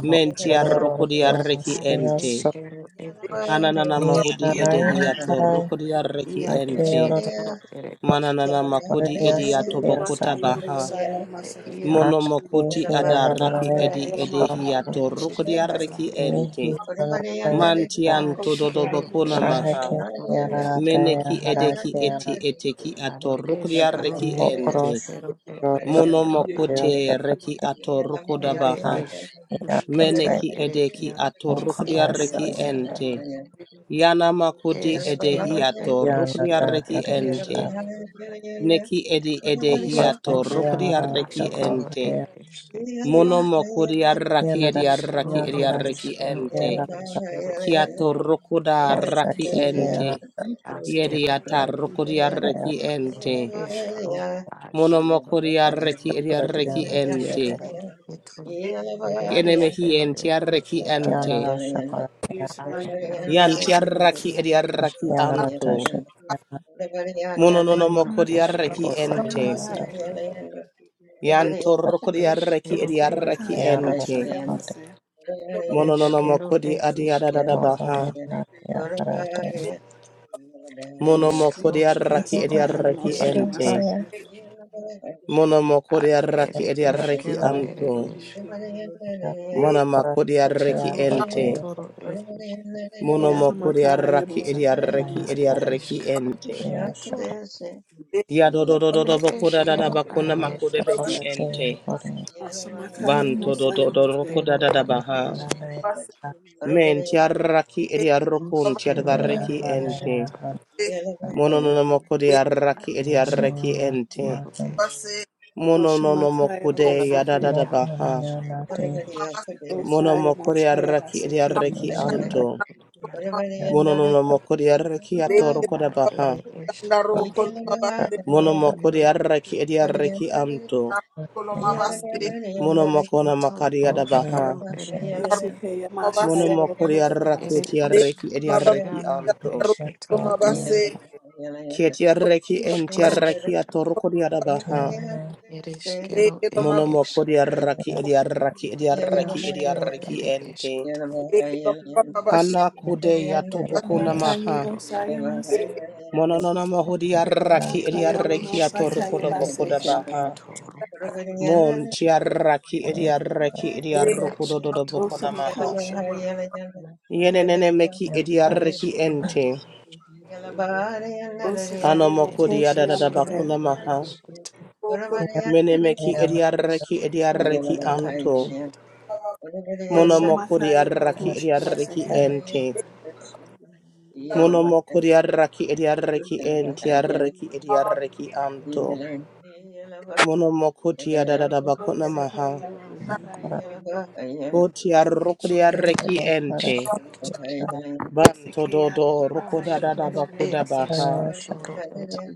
S2: Menti arrukudi
S6: ya
S2: arreki
S6: saya
S2: ente.
S6: sakni
S2: Ananana mahudi
S4: Eyaya
S6: naya
S2: edehiato
S6: saya
S2: rukudi
S4: lamakaya lamoshaya
S2: arreki
S4: mase.
S6: kaya
S2: ente.
S6: orang
S2: Mananana makudi
S6: orang
S2: ediato
S4: Eyaya
S6: saya
S2: bokuta
S4: lamakaya
S6: saya
S2: baha.
S4: lamoshaya maseke.
S6: tayā
S2: Mono mokuti adaraki
S6: tayā
S4: Asaya
S2: edi
S4: lamakaya
S2: edehiato
S4: lamosheke
S2: rukudi
S4: masa.
S2: arreki ente.
S6: Yana taya
S2: Mantianto dodo
S4: Osakaya
S2: bokuna
S4: moshaya mase.
S6: ahaki
S2: maha.
S6: yana nataya
S2: Meneki edeki
S6: haraki
S2: eti
S6: yana
S2: eteki ato
S5: mbele
S2: rukudi arreki
S6: mo
S2: ente.
S6: oroshi roto
S2: Mono
S5: Thank you.
S4: Esikaya
S6: yo
S2: mokute
S3: Yeah.
S2: reki
S6: sakata
S2: ato rukuda baha.
S6: ahaki yana taya
S2: Meneki edeki ato rukudi
S6: konya
S4: masakaya
S2: arreki
S6: shoyana
S2: ente.
S4: lamoshaya mase.
S2: Yana makudi edehiato
S6: yana ta
S2: rukriareki
S6: harayata
S2: ente. Neki edi
S6: konya
S2: edehiato
S6: yana rata
S2: rukriareki
S6: ko
S2: ente.
S6: haraya
S2: Mono mokuriaraki
S6: yana ra
S2: ediaraki
S6: yana
S2: ediareki
S6: harashaki yana
S2: ente.
S6: ta
S2: Kiato
S3: Yeah.
S2: rukuda raki
S6: moshaki yana
S2: ente.
S4: Ayaya
S2: Yediata
S4: lamakaya lamoshaya mase.
S6: taya
S2: rukuriareki ente. Mono mokuriareki
S6: oshapurati
S2: ediareki
S6: yana
S2: ente. Kenemehi entiareki ente.
S6: Yanara shakara
S4: Ishaya Mosea
S5: She shall never
S2: Yantiaraki
S4: Masike,
S5: escape the
S2: ediaraki
S5: judgment
S6: yanara
S2: anto.
S6: tashi
S5: of
S6: yana
S5: the What
S2: Mono no
S4: Osaya Makaya
S2: mokuriareki
S6: shako
S4: Lamosaya
S2: ente.
S6: parayara
S5: shall
S6: ta
S4: Masike,
S5: man do he will not with
S2: Yantor kodi
S5: man?
S2: arreki edi arreki
S4: Osamakaya
S6: yanara
S2: enti.
S4: Boshaya
S6: shakati
S4: Mase,
S5: shall man
S2: Mononomo
S5: do
S2: kodi
S5: that
S2: adi
S5: much
S6: mo
S5: does it
S2: adadadabaha.
S5: not
S6: ariyana
S5: avail?
S6: yanara taya
S2: Monomo
S5: See the
S2: kodi
S5: Lord is the
S2: arreki
S5: Lord
S2: edi
S6: yanara
S5: is
S4: Asakaya
S2: arreki
S4: Lamosaya
S6: shakara
S5: the
S2: enti.
S5: Lord
S4: Masike,
S6: taya
S2: Monomo kodi arreki edi
S6: yanara
S5: See
S2: arreki
S5: the
S6: tara
S5: Lord is the Lord
S2: anto.
S5: is the Lord is the Lord. See the Lord
S1: you.
S5: is
S2: Monoma
S6: yanara
S2: kodi arreki
S6: shakya pati
S2: enti. Monomo kodi
S4: Osamakaya
S2: arreki edi
S5: the
S4: Bosakaya
S2: arreki
S6: yanara
S2: edi
S4: Lamasike,
S6: tara
S2: arreki enti.
S6: yanara shakara
S1: Thank
S2: Yadododododobo
S5: Thank
S2: koda dadabakuna
S6: yanara
S2: makode behi
S6: shakara taya
S2: enti.
S6: pari
S4: Osamakaya
S2: Banto
S4: Lamosaya
S2: dododoroko
S4: Mase,
S2: dadadabaha.
S6: yanara
S2: Menti
S3: Yeah.
S2: arreki edi arrokun
S6: naya hanaya
S2: tiadarreki enti.
S6: hanaya hanaya
S2: Mononomokode araki edi araki
S6: yanara
S2: ente.
S6: nata
S4: Oshamakaya
S2: Monononomokude
S4: Labosike,
S2: yadadadabaha.
S6: mohaniya nate
S4: Osaya
S2: Monomokude
S4: Moshaya
S2: yarraki
S4: Masike,
S2: ediarreki anto. Monononomokude yarreki atorokodabaha. Monomokude yarraki ediarreki anto. Monomokona makari yadabaha.
S3: Yeah.
S4: Isikaya Mashaya
S2: Monomokude
S4: Labokosa
S2: yarraki
S4: Mase,
S2: ediarreki ediarreki anto. Kietiarreki entiarreki atorokode yadabaha. Monomokode araki edi araki edi
S5: you.
S2: araki edi araki ente.
S5: Thank
S2: Hana kude ya tobokuna
S4: Shamakaya
S2: maha.
S4: Bosaya Mase,
S2: Mononona mahudi arraki
S4: Akaya
S2: idiarreki
S4: Lamosakaya
S2: atorokoda bokoda
S4: Basike,
S2: baha. Mon tiarraki idiarreki idiarrokododo bokona maha.
S4: Osamakoshama.
S2: Yenenene meki idiarreki ente.
S3: Yeah.
S2: Kano
S4: Osakaya
S2: mokudi adada
S4: Mokoshayama Fair.
S2: bakuna maha. Mene meki idiarreki idiarreki anto. Mono mokudi
S4: Osamakaya
S2: arraki
S4: Mokoshama
S2: idiarreki
S4: Saka.
S2: ente.
S5: you.
S2: Mono mokudi arraki
S5: You shall
S2: idiarreki
S5: not indulge in
S2: ente arreki
S5: the evil of
S2: idiarreki
S5: the Lord.
S2: anto.
S5: You shall
S2: Mono
S5: not
S2: mokutia da da da bakuna maha.
S4: Osakaya
S5: indulge in
S4: Masakaya Mokoshama.
S2: Botia rukudia reki ente. Banto
S4: Osakaya
S2: dodo rukuda
S4: Makaya
S2: da da bakuda
S4: Mokoshayama Se.
S2: baha.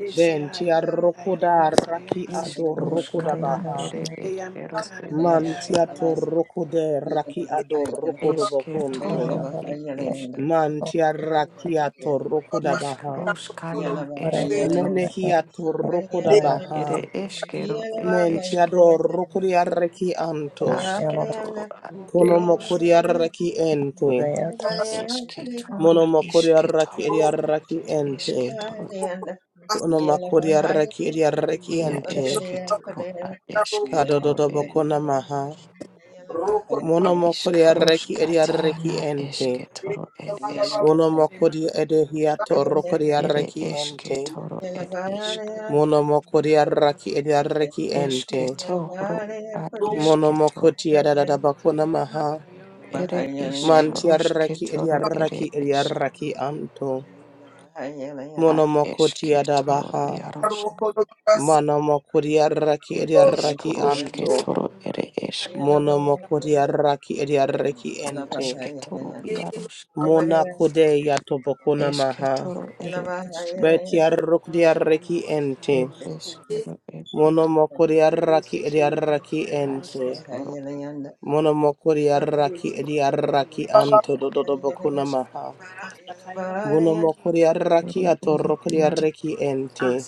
S4: Isaya
S2: Bentia
S4: Kaya
S2: rukuda raki
S4: Mosayama
S2: ado rukuda baha.
S4: Eyamakaya
S2: Mantia to
S4: Yalavasa.
S2: rukude raki ado rukudo bokunto.
S3: Yeah.
S5: the
S2: Mantia
S5: evil
S2: rakia to rukuda baha. Menehia to rukuda
S6: Yalora,
S2: baha.
S5: of
S2: Mentia do rukudia reki anto.
S6: Nishialora,
S2: Kono
S4: Osamakaya
S2: mokudia reki ente.
S6: Kureyata,
S5: the
S2: Mono
S5: Lord.
S2: makori arraki
S4: Masakaya
S2: eri arraki
S4: Mokoshayama.
S5: Thank you.
S2: ente. Kono makori arraki eri arraki ente. Kado bokona maha.
S1: you.
S2: Mono makori arraki eri arraki ente.
S1: Legelo
S2: Mono
S4: Emakase.
S2: makori edehiato rokori arraki ente. Mono
S4: Eyamakaya
S2: makori
S3: Yeah.
S2: arraki eri arraki ente. Mono makoti adada bokona
S4: Mokoshayama
S2: maha. Manti arraki eri arraki eri arraki anto. Mono makoti adabaha. Manamakuriaraki Ediaraki Anto.
S4: Kaya Mokoshayama.
S2: Monamakuriaraki Ediaraki Ente. Mona Kode Yatobokuna Maha. Betiarukdiaraki Ente.
S4: Asayamasakayamako.
S2: Monamakuriaraki Ediaraki
S4: Isikiyamosayamase.
S2: Ente. Monamakuriaraki Ediaraki
S4: Isikiyayama.
S2: Anto Dodobokuna Maha.
S4: Asakayama.
S2: Monamakuriaraki Atorukdiaraki Ente.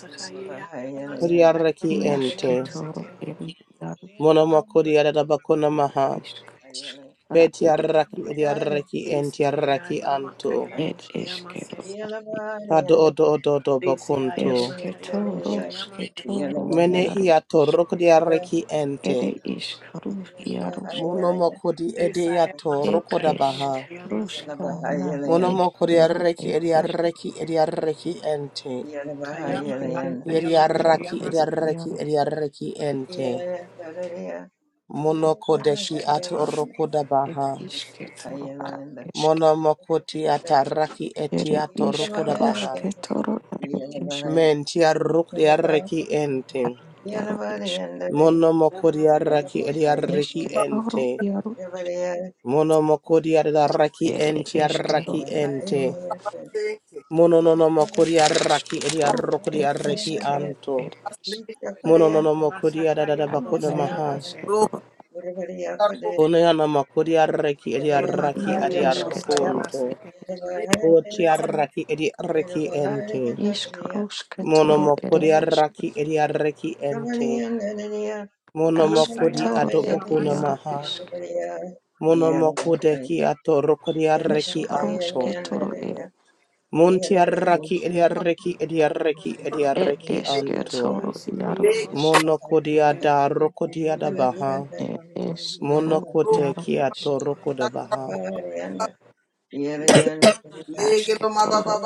S2: Kuriaraki Ente. Monamakuriarabakuna Maha. Betiaraki ediaraki entiaraki anto.
S4: Isikiyayalamakayamosayamase.
S2: Kado odo odo odo bakunto.
S4: Isiyayalamakayamosayamase.
S2: Menehiato rokodiaraki ente. Monomokodi ediato
S3: Yeah.
S2: rokodabaha.
S4: Isayamasakayamosayamase.
S2: Monomokodi araki ediaraki ediaraki ente. Yediaraki
S4: Kayamasakayamosayamase.
S2: ediaraki ediaraki ente. Monokodeki ato rokodabaha. Monomokoti ataraki etiato rokodabaha.
S3: Yeah.
S2: Mentia rokodiaraki ente. Mono mokori arraki eri
S4: Yamasayamosayamase.
S2: arraki ente. Mono mokori arraki enti arraki ente. Mono nono mokori arraki eri arrokori arraki anto. Mono nono mokori arada bakuna maha.
S4: Yamasakayamosayamase.
S2: Kono yana mokori arraki eri
S4: In
S2: arraki
S4: Makaya
S2: eri
S4: Lamosaya
S2: arrokonto.
S4: Baseke,
S2: Oti arraki eri arraki ente. Mono mokori arraki eri arraki ente. Mono mokori
S4: Asaya Mosha
S2: adobokuna
S4: Maseke,
S2: maha.
S3: Yeah,
S2: Monomoko deki atoroko diarreki anto. Montiarraki ediarreki ediarreki ediarreki anto.
S4: Nishiki Mosha
S2: Monoko
S4: Seke,
S2: diada
S5: Thank
S2: roko
S5: you.
S2: diada baha. Monoko teki atoroko da baha.
S1: mababa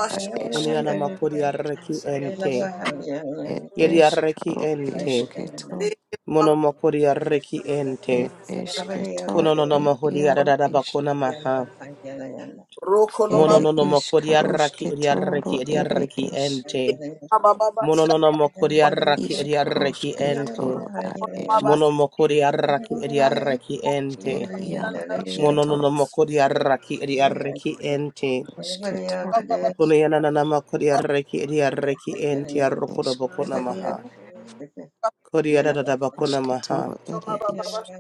S2: Unianamako diarreki
S4: Asaya
S2: ente.
S4: Mosha
S2: Yediarreki ente. Monomoko diarreki ente.
S4: Masaya Basaya,
S2: Konononomoho diadada bakona maha. Monononomoko diarraki ediarreki ediarreki ente. Mononona mokori arraki ediarreki ente. Mono mokori arraki
S3: Yeah.
S2: ediarreki ente. Mononona mokori arraki ediarreki ente. Kuneanana mokori arraki ediarreki ente arrokoro bokona
S4: Masaya
S2: maha.
S4: Mosha
S2: Kori adada bakona maha.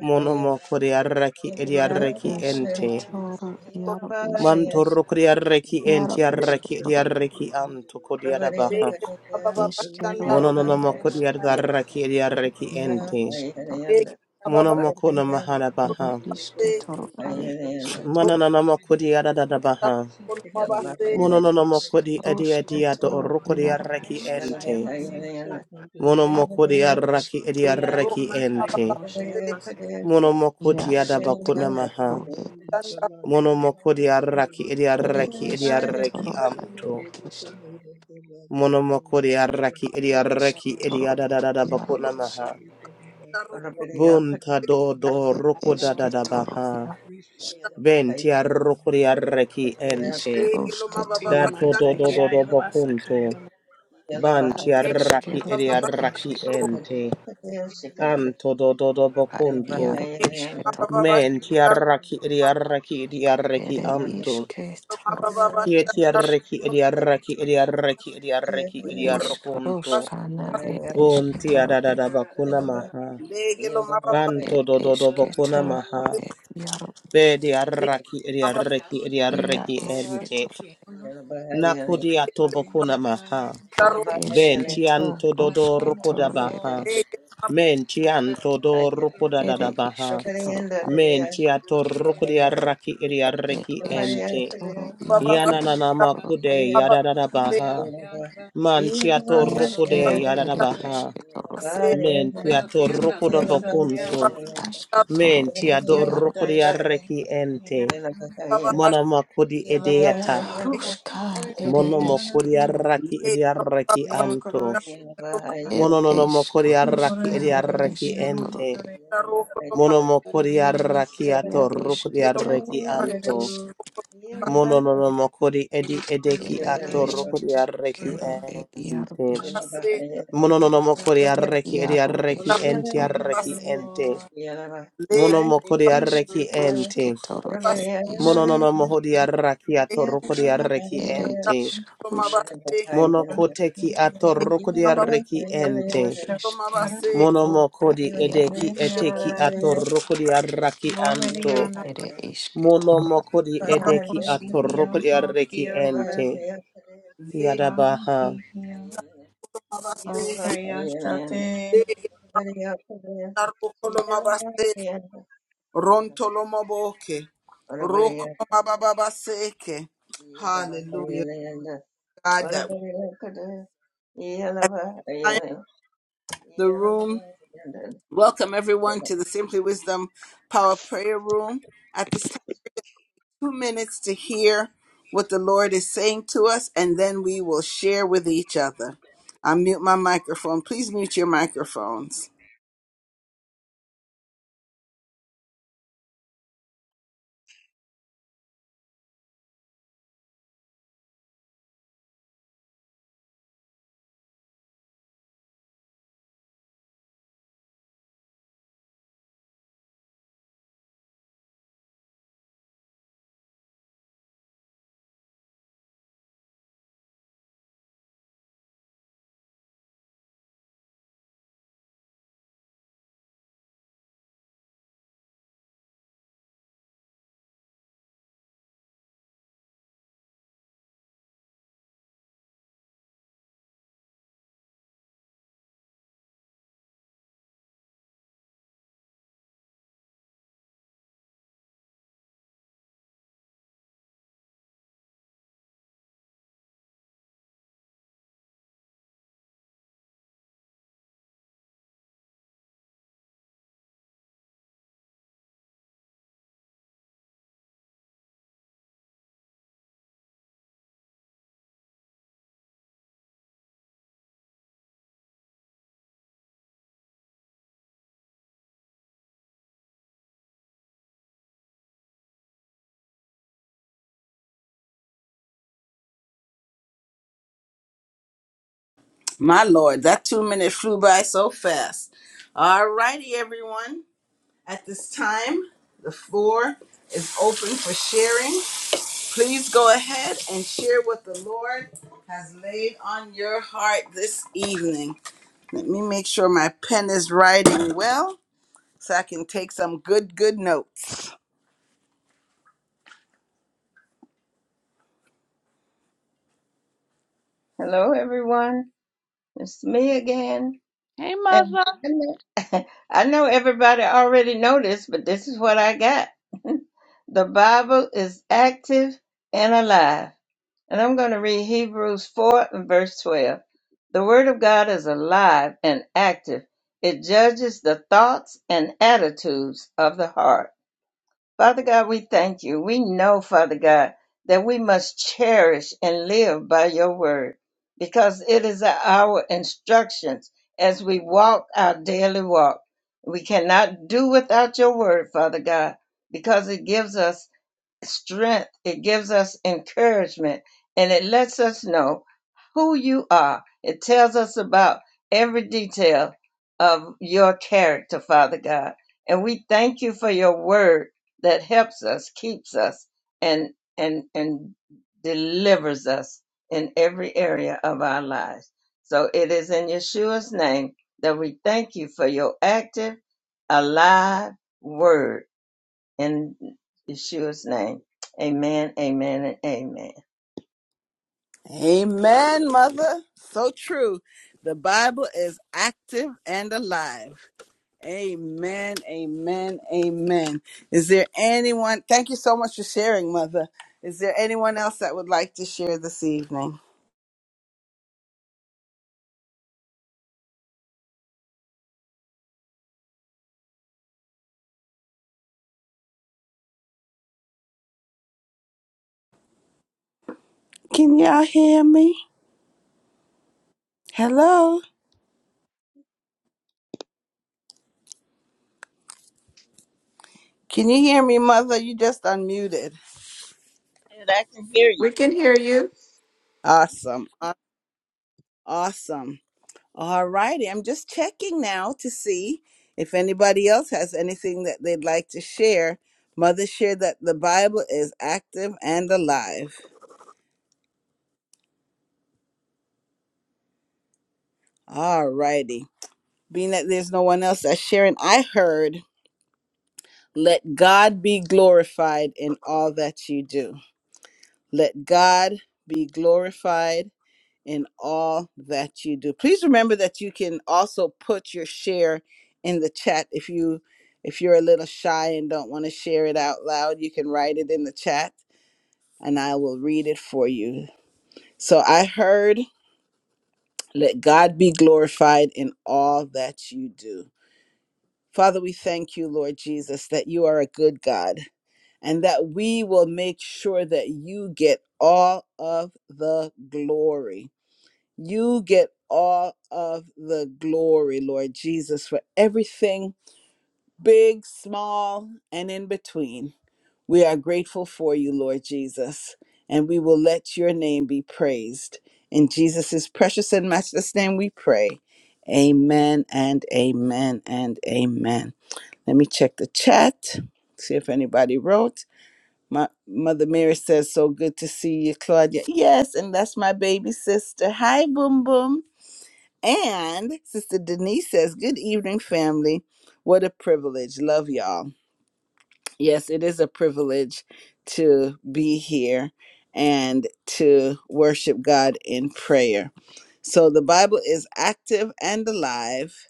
S2: Mono mokori arraki
S4: Masaya,
S2: ediarreki
S4: Makaya
S2: ente.
S4: Mosaya Maseke,
S2: Mantoro kori arreki ente arraki ediarreki anto kori adabaha.
S1: bashanda
S4: Oya
S2: Mononona
S4: Makaya
S2: mokori
S4: Mosha
S1: roke,
S2: arraki
S4: Maseke,
S2: ediarreki ente.
S1: legelo
S2: Mono
S1: mababa
S2: mokona mahana baha.
S1: roke,
S2: Manananamakudi
S1: Legelo
S2: adadadabaha. Monononamokodi edi adiadiado orukudi arreki
S4: Makaya
S3: Yeah,
S4: Mosha
S2: ente.
S4: Maseke,
S5: Thank
S2: Monomokudi arraki
S4: Asaya Makaya Mosha Maseke,
S2: adiarreki
S4: Asaya Makaya
S2: ente.
S4: Mosha Maseke,
S2: Monomokudi adabakunamaha. Monomokudi arraki edi adiarreki anto. Monomokudi arraki adiarreki adiadadadabakunamaha. Bunta do do rukudadadabaha. Benti arrukudi arreki ente.
S4: Iya
S2: Dato do do do do do
S4: Makaya
S2: bakunto.
S4: Basakaya
S2: Banti arraki edi arraki ente. Anto do do do
S5: you.
S2: bocunto.
S5: Thank
S2: Menti arraki edi arraki edi arraki anto. Kieti arraki edi arraki edi arraki edi arraki edi arroconto. Bunti adadada bacuna maha.
S3: Yeah.
S2: Banto do do do bocuna maha. Bedi arraki edi arraki edi arraki ente. Nakudi ato bocuna maha. Benti anto do do rocoda baha. Menti anto do ruko da da da baha. Menti ato ruko di arraki iri arreki ente. Yana na na makude yada da da
S6: mehara
S2: baha. Manti ato ruko de yada da baha. Menti ato ruko da bakunto. Menti ato ruko di arreki ente. Mana makudi edeyata. Mono makudi arraki iri arreki anto. Mono no no makudi arraki iri arreki ente.
S3: Yeah.
S2: Mono mokori arraki ato rukri arreki anto. Mono nono mokori edi edeki ato rukri arreki ente.
S1: tomà
S2: Mono nono mokori arreki edi arreki enti arreki ente. Mono mokori arreki ente. Mono nono mohori arraki ato rukri arreki ente.
S1: tomà
S2: Mono koteki ato rukri arreki ente. Mono mokori edeki
S1: tomà
S2: eteki ato rukri arraki anto.
S6: Mohidiana,
S2: Mono mokodi edeki
S6: Mohokihia,
S2: atorokodi arreki
S6: Hokia,
S2: ente.
S6: Hara,
S2: Yadabaha.
S6: Ahikihia,
S3: Hello,
S6: Okayashate,
S1: colomà Rontolomoboke. Rokolomabababaseke. Hallelujah. God, that we have time, the room. Welcome everyone to the Simply Wisdom Power Prayer Room. at this time. two minutes to hear what the Lord is saying to us, and then we will share with each other. I mute my microphone. Please mute your microphones. My Lord, that two minute flew by so fast. All righty, everyone. At this time, the floor is open for sharing. Please go ahead and share what the Lord has laid on your heart this evening. Let me make sure my pen is writing well so I can take some good, good notes.
S3: everyone. It's me again.
S1: Hey,
S3: And
S1: mother.
S3: I know I know everybody already noticed, but this is what I got. the Bible is active and alive. And I'm going to read Hebrews 4 and verse 12. The Word of God is alive and active, it judges the thoughts and attitudes of the heart. Father God, we thank you. We know, Father God, that we must cherish and live by your Word because it is our instructions as we walk our daily walk. We cannot do without your Word, Father God, because it gives us strength, it gives us encouragement, and it lets us know who you are. It tells us about every detail of your character, Father God. And we thank you for your word that helps us, keeps us, and and and delivers us in every area of our lives. So it is in Yeshua's name that we thank you for your active, alive word in Yeshua's name. Amen, amen, and amen.
S1: Amen, mother. So true. The Bible is active and alive. Amen, amen, amen. Is there anyone? Thank you so much for sharing, mother. Is there anyone else that would like to share this evening? Can y'all hear me? Hello? Can you hear me, mother? You just unmuted.
S3: And I can hear you.
S1: Awesome. Aw- Awesome. All righty. I'm just checking now to see if anybody else has anything that they'd like to share. Mother shared that the Bible is active and alive. All righty. Being that there's no one else that's sharing, I heard, let God be glorified in all that you do. Let God be glorified in all that you do. Please remember that you can also put your share in the chat if you if you're a little shy and don't want to share it out loud, you can write it in the chat and I will read it for you. So I heard, let God be glorified in all that you do. Father, we thank you, Lord Jesus, that you are a good God and that we will make sure that you get all of the glory. You get all of the glory, Lord Jesus, for everything, big, small, and in between. We are grateful for you, Lord Jesus, and we will let your name be praised. In Jesus' precious and matchless name we pray. Amen and amen and amen. Let me check the chat, see if anybody wrote. My mother Mary says, So good to see you, Claudia. Yes, and that's my baby sister. Hi, Boom Boom. And Sister Denise says, Good evening, family. What a privilege. Love y'all. Yes, it is a privilege to be here and to worship God in prayer. So the Bible is active and alive,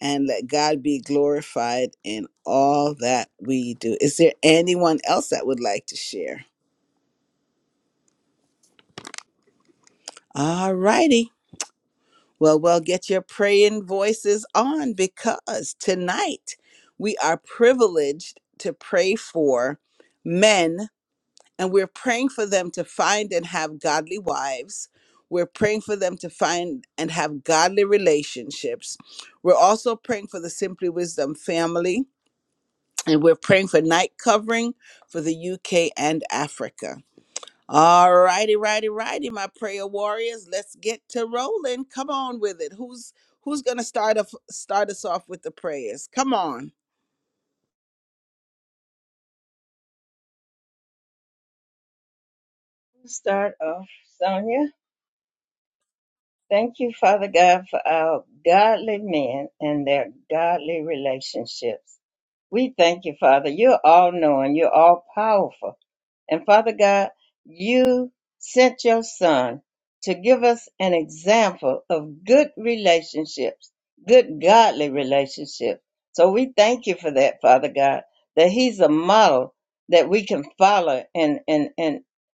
S1: and let God be glorified in all that we do. Is there anyone else that would like to share? All righty. Well, well, get your praying voices on because tonight we are privileged to pray for men and we're praying for them to find and have godly wives. We're praying for them to find and have godly relationships. We're also praying for the Simply Wisdom family and we're praying for night covering for the UK and Africa. All righty, righty, righty, my prayer warriors. Let's get to rolling. Come on with it. Who's who's gonna start off start us off with the prayers? Come on.
S3: Start off, Sonia. Thank you, Father God, for our godly men and their godly relationships. We thank you, Father. You're all knowing, you're all powerful. And Father God, you sent your son to give us an example of good relationships, good godly relationships. So we thank you for that, Father God, that he's a model that we can follow and and and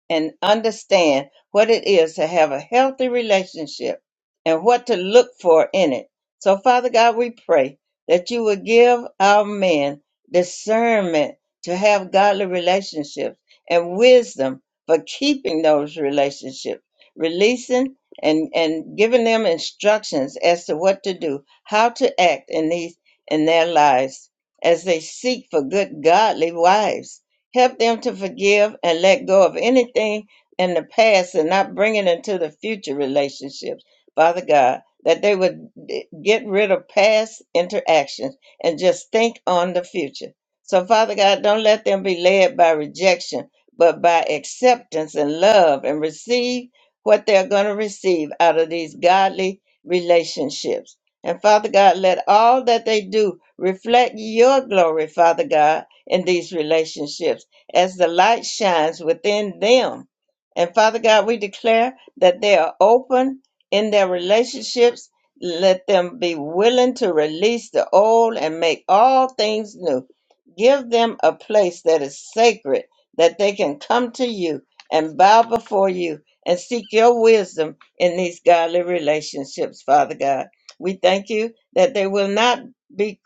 S3: and understand what it is to have a healthy relationship and what to look for in it. So Father God, we pray that you would give our men discernment to have godly relationships and wisdom for keeping those relationships, releasing and, and giving them instructions as to what to do, how to act in these in their lives as they seek for good godly wives. Help them to forgive and let go of anything in the past and not bring it into the future relationships. Father God, that they would d- get rid of past interactions and just think on the future. So, Father God, don't let them be led by rejection but by acceptance and love and receive what they're going to receive out of these godly relationships. And Father God, let all that they do reflect your glory, Father God, in these relationships as the light shines within them. And Father God, we declare that they are open in their relationships. Let them be willing to release the old and make all things new. Give them a place that is sacred that they can come to you and bow before you and seek your wisdom in these godly relationships, Father God. We thank you that they will not be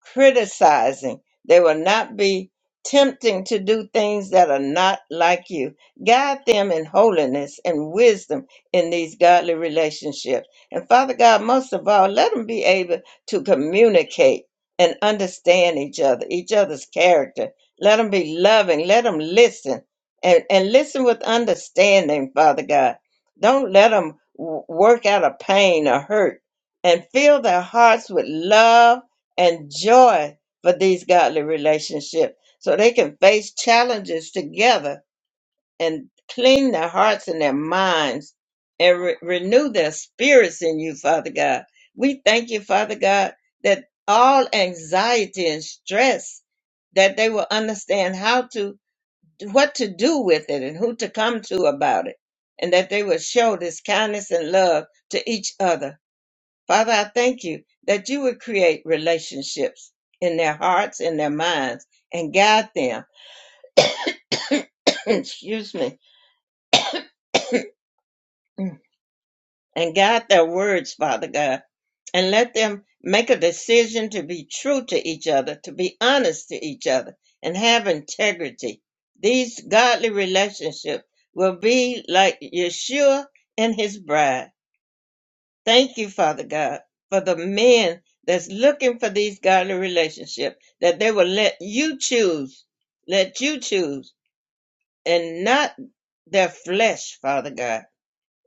S3: criticizing. They will not be tempting to do things that are not like you. Guide them in holiness and wisdom in these godly relationships. And Father God, most of all, let them be able to communicate and understand each other, each other's character. Let them be loving. Let them listen and, and listen with understanding, Father God. Don't let them work out of pain or hurt and fill their hearts with love and joy for these godly relationships so they can face challenges together and clean their hearts and their minds and re- renew their spirits in you, Father God. We thank you, Father God, that all anxiety and stress that they will understand how to what to do with it and who to come to about it and that they will show this kindness and love to each other Father, I thank you that you would create relationships in their hearts, in their minds, and guide them, excuse me, and guide their words, Father God, and let them make a decision to be true to each other, to be honest to each other, and have integrity. These godly relationships will be like Yeshua and his bride. Thank you, Father God, for the men that's looking for these godly relationships, that they will let you choose, let you choose, and not their flesh, Father God.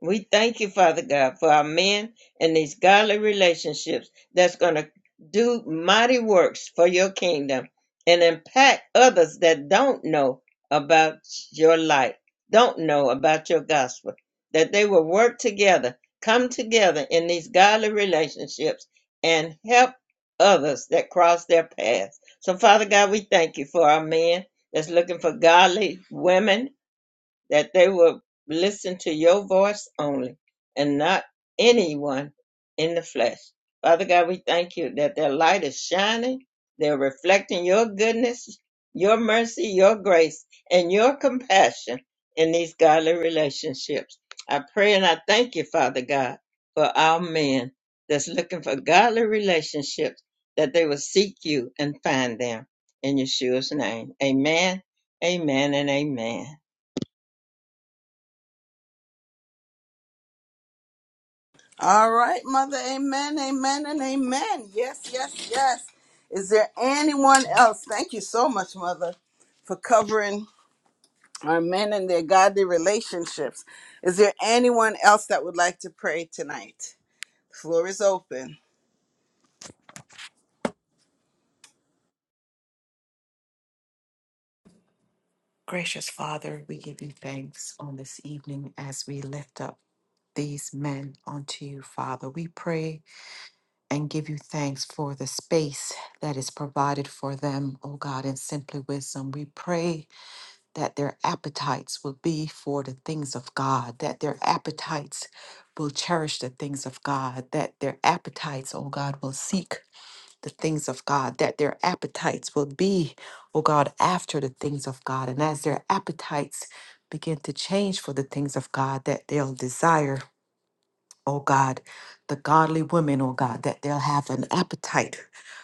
S3: We thank you, Father God, for our men and these godly relationships that's going to do mighty works for your kingdom and impact others that don't know about your light, don't know about your gospel, that they will work together, come together in these godly relationships and help others that cross their paths. So, Father God, we thank you for our men that's looking for godly women that they would listen to your voice only and not anyone in the flesh. Father God, we thank you that their light is shining. They're reflecting your goodness, your mercy, your grace, and your compassion in these godly relationships. I pray and I thank you, Father God, for our men that's looking for godly relationships, that they will seek you and find them. In Yeshua's name, amen, amen, and amen.
S1: All right, mother. Amen. Amen. And amen. Yes, yes, yes. Is there anyone else? Thank you so much, mother, for covering our men and their godly relationships. Is there anyone else that would like to pray tonight? The floor is open.
S7: the things of God, that their appetites will be, oh God, after the things of God. And as their appetites begin to change for the things of God, that they'll desire oh God, the godly women, oh God, that they'll have an appetite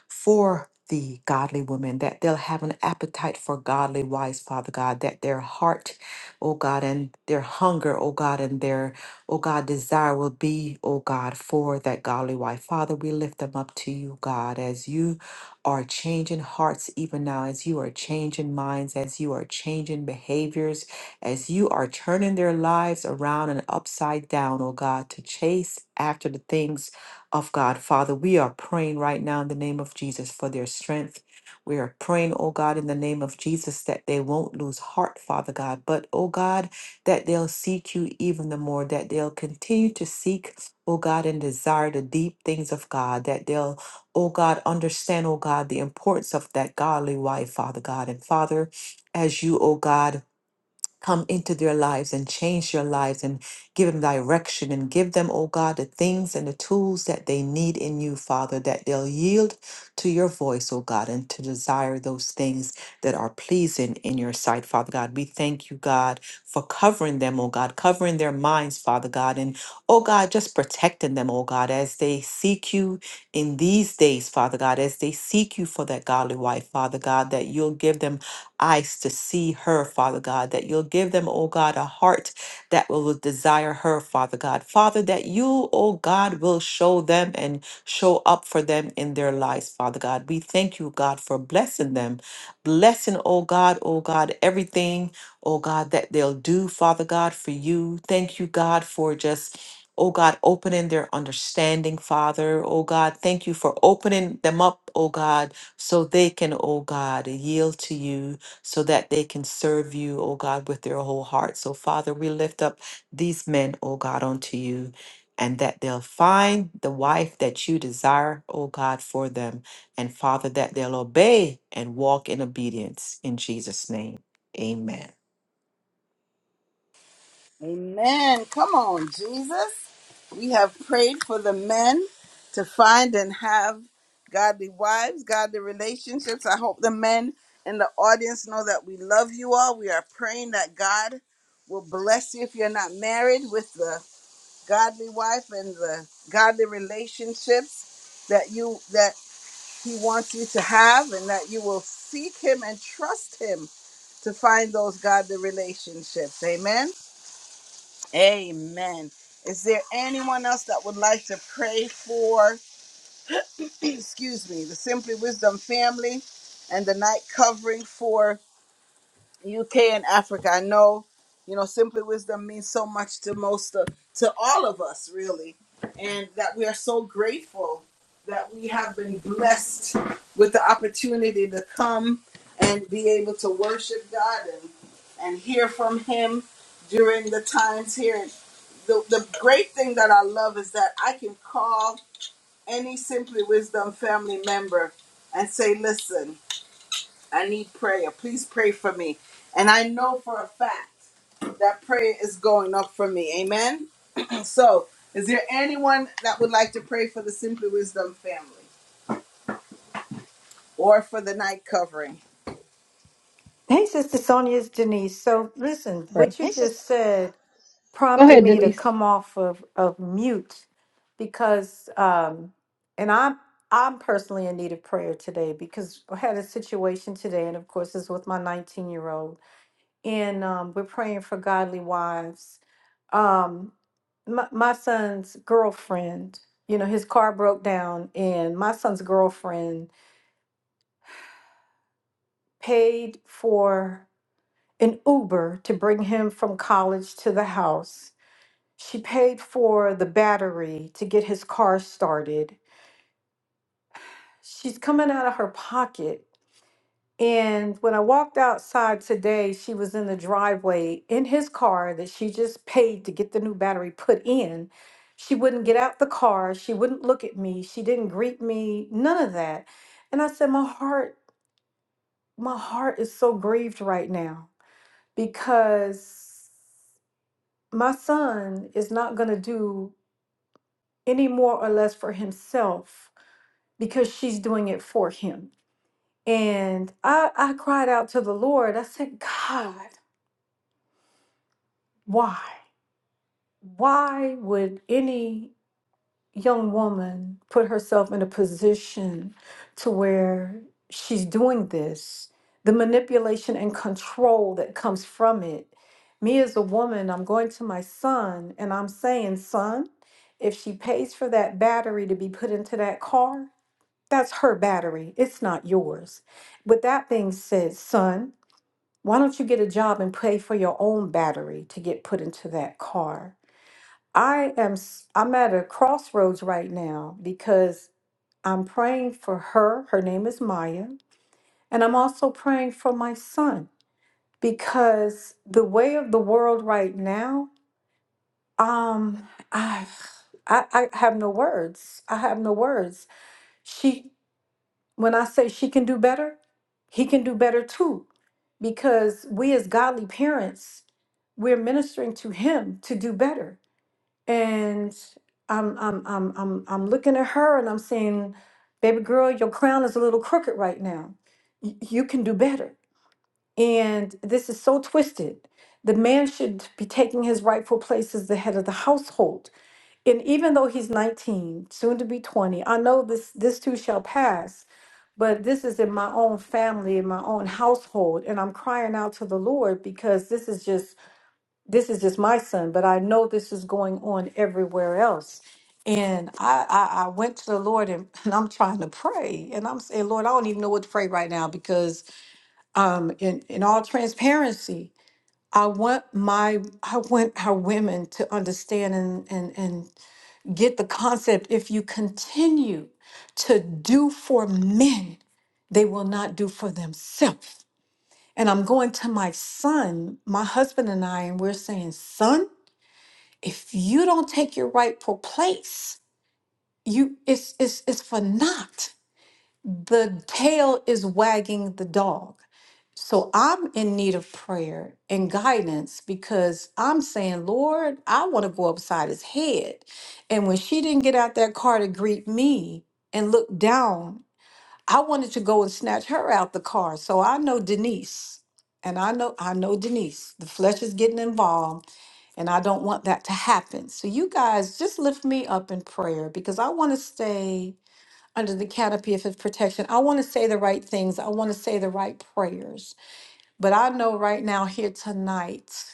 S7: for the godly women, that they'll have an appetite for godly wives, Father God, that their heart, oh God, and their hunger, oh God, and their, oh God, desire will be, oh God, for that godly wife. Father, we lift them up to you, God, as you are changing hearts even now, as you are changing minds, as you are changing behaviors as you are turning their lives around and upside down, oh God, to chase after the things of God. Father, we are praying right now in the name of Jesus for their strength. We are praying, oh God, in the name of Jesus, that they won't lose heart, Father God, but, oh God, that they'll seek you even the more, that they'll continue to seek, oh God, and desire the deep things of God, that they'll, oh God, understand, oh God, the importance of that godly wife, Father God. And Father, as you, oh God, come into their lives and change their lives and give them direction and give them, oh God, the things and the tools that they need in you, Father, that they'll yield to your voice, oh God, and to desire those things that are pleasing in your sight, Father God. We thank you, God, for covering them, oh God, covering their minds, Father God, and oh God, just protecting them, oh God, as they seek you in these days, Father God, as they seek you for that godly wife, Father God, that you'll give them eyes to see her, Father God, that you'll give them, oh God, a heart that will desire her, Father God. Father, that you, oh God, will show them and show up for them in their lives, Father God. We thank you, God, for blessing them. Blessing, oh God, oh God, everything, oh God, that they'll do, Father God, for you. Thank you, God, for just. Oh God, opening their understanding, Father. Oh God, thank you for opening them up, oh God, so they can, oh God, yield to you so that they can serve you, oh God, with their whole heart. So, Father, we lift up these men, oh God, unto you, and that they'll find the wife that you desire, oh God, for them. And, Father, that they'll obey and walk in obedience. In Jesus' name, amen.
S1: Amen. Come on, Jesus. We have prayed for the men to find and have godly wives, godly relationships. I hope the men in the audience know that we love you all. We are praying that God will bless you if you're not married with the godly wife and the godly relationships that you that he wants you to have and that you will seek him and trust him to find those godly relationships. Amen. Amen. Is there anyone else that would like to pray for, excuse me, the Simply Wisdom family and the night covering for? UK and Africa. I know, you know, Simply Wisdom means so much to most of, to all of us, really, and that we are so grateful that we have been blessed with the opportunity to come and be able to worship God and, and hear from Him during the times here. And the, the great thing that I love is that I can call any Simply Wisdom family member and say, listen, I need prayer. Please pray for me. And I know for a fact that prayer is going up for me. Amen. So, is there anyone that would like to pray for the Simply Wisdom family or for the night covering?
S8: Hey, Sister Sonia, it's Denise. So, listen,
S9: pray.
S8: what you just said
S9: Go
S8: prompted
S9: ahead,
S8: me to
S9: Denise.
S8: come off of, of mute because, um, and I'm I'm personally in need of prayer today because I had a situation today, and of course, it's with my 19 year old, and um, we're praying for godly wives. Um, my, my son's girlfriend, you know, his car broke down, and my son's girlfriend paid for. an Uber to bring him from college to the house. She paid for the battery to get his car started. She's coming out of her pocket. And when I walked outside today, she was in the driveway in his car that she just paid to get the new battery put in. She wouldn't get out the car. She wouldn't look at me. She didn't greet me, none of that. And I said, My heart, my heart is so grieved right now because my son is not going to do any more or less for himself because she's doing it for him. And I, I cried out to the Lord. I said, God, why? Why would any young woman put herself in a position to where she's doing this, the manipulation and control that comes from it. Me as a woman, I'm going to my son and I'm saying, son, if she pays for that battery to be put into that car, that's her battery. It's not yours. With that being said, son, why don't you get a job and pay for your own battery to get put into that car? I am s- I'm at a crossroads right now because I'm praying for her. Her name is Maya, and I'm also praying for my son because the way of the world right now, um I I, I have no words. I have no words. She when I say she can do better, he can do better too because we as godly parents, we're ministering to him to do better and I'm I'm I'm I'm I'm looking at her and I'm saying, "Baby girl, your crown is a little crooked right now. Y- you can do better." And this is so twisted. The man should be taking his rightful place as the head of the household. And even though he's 19, soon to be 20, I know this this too shall pass. But this is in my own family, in my own household, and I'm crying out to the Lord because this is just this is just my son, but I know this is going on everywhere else. And I, I, I went to the Lord and, and I'm trying to pray. And I'm saying, Lord, I don't even know what to pray right now because um in, in all transparency, I want my I want our women to understand and, and and get the concept if you continue to do for men, they will not do for themselves. And I'm going to my son, my husband and I, and we're saying, son if you don't take your rightful place, you it's it's it's for naught. The tail is wagging the dog. So I'm in need of prayer and guidance because I'm saying, Lord, I want to go upside his head. And when she didn't get out that car to greet me and look down, I wanted to go and snatch her out the car. So I know Denise. And I know I know Denise. The flesh is getting involved and I don't want that to happen. So, you guys just lift me up in prayer because I want to stay under the canopy of his protection. I want to say the right things. I want to say the right prayers. But I know right now here tonight,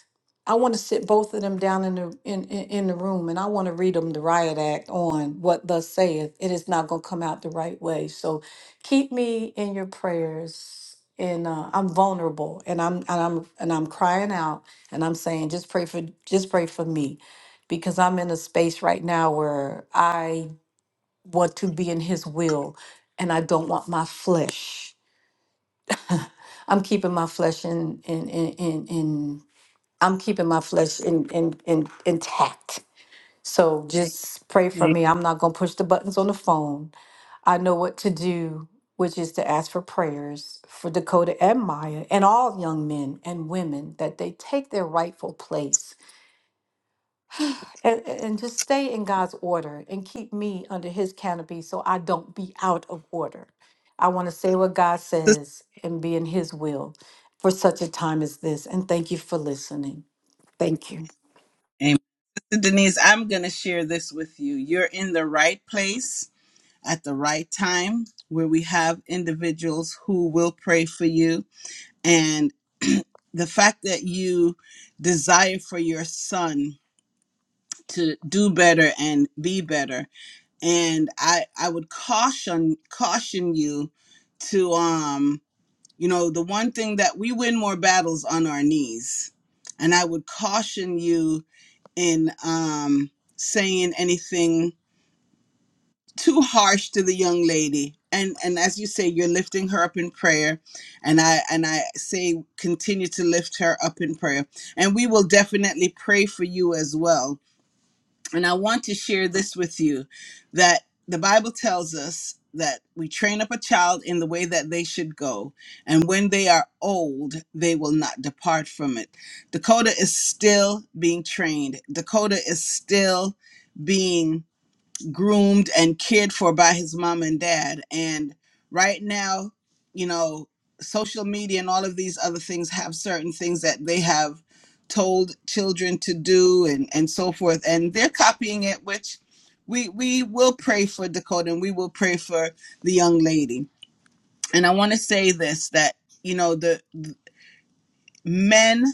S8: I want to sit both of them down in the in, in, in the room and I want to read them the riot act on what thus saith. It is not gonna come out the right way. So keep me in your prayers. And uh, I'm vulnerable and I'm and I'm and I'm crying out and I'm saying just pray for just pray for me because I'm in a space right now where I want to be in his will and I don't want my flesh I'm keeping my flesh in in in in, in I'm keeping my flesh in, in, in, intact. So just pray for
S1: Amen.
S8: me. I'm not going to push the buttons on the phone. I know what to do, which is to ask for prayers for Dakota and Maya and all young men and women that they take their rightful place and, and just stay in God's order and keep me under his canopy so I don't be out of order. I want to say what God
S1: Sister
S8: says and be in his will for such a time as this. And thank you for listening. Thank you.
S1: Amen. Sister Denise, I'm going to share this with you. You're in the right place at the right time where we have individuals who will pray for you. And the fact that you desire for your son to do better and be better. And I I would caution caution you to um you know the one thing that we win more battles on our knees. And I would caution you in um saying anything too harsh to the young lady. And and as you say you're lifting her up in prayer and I and I say continue to lift her up in prayer. And we will definitely pray for you as well and I want to share this with you that the Bible tells us that we train up a child in the way that they should go, and when they are old, they will not depart from it. Dakota is still being trained, Dakota is still being groomed and cared for by his mom and dad. And right now, you know, social media and all of these other things have certain things that they have told children to do and, and so forth. And they're copying it, which we we will pray for Dakota and we will pray for the young lady. And I want to say this that, you know, the men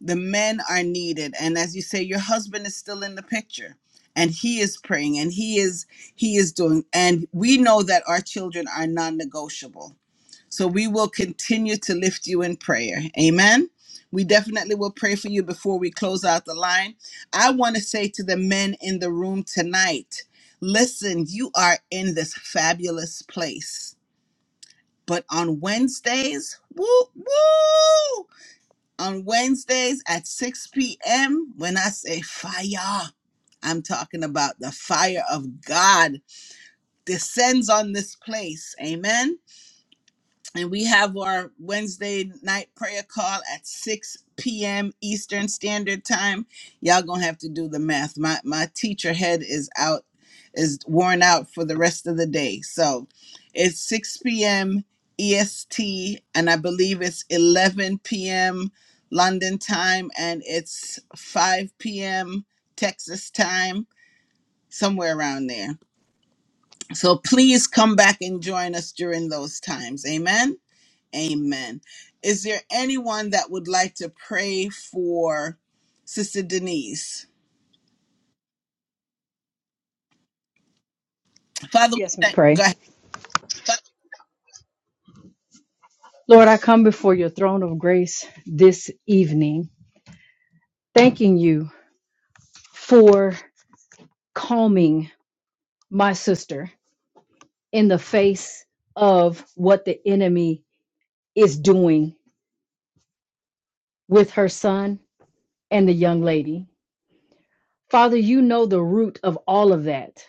S1: the men are needed. And as you say, your husband is still in the picture and he is praying and he is he is doing and we know that our children are non-negotiable. So we will continue to lift you in prayer. Amen. We definitely will pray for you before we close out the line. I want to say to the men in the room tonight, listen, you are in this fabulous place. But on Wednesdays, woo, woo! on Wednesdays at 6 p.m. When I say fire, I'm talking about the fire of God descends on this place. Amen and we have our Wednesday night prayer call at 6 p.m. Eastern Standard Time. Y'all gonna have to do the math. My my teacher head is out, is worn out for the rest of the day. So it's 6 p.m. EST, and I believe it's 11 p.m. London time, and it's 5 p.m. Texas time, somewhere around there. So please come back and join us during those times. Amen. Amen. Is there anyone that would like to pray for Sister Denise? Father, we
S9: Yes, ma'am.
S1: thank, go
S9: Pray.
S1: ahead.
S9: Lord, I come before your throne of grace this evening, thanking you for calming my sister in the face of what the enemy is doing with her son and the young lady. Father, you know the root of all of that.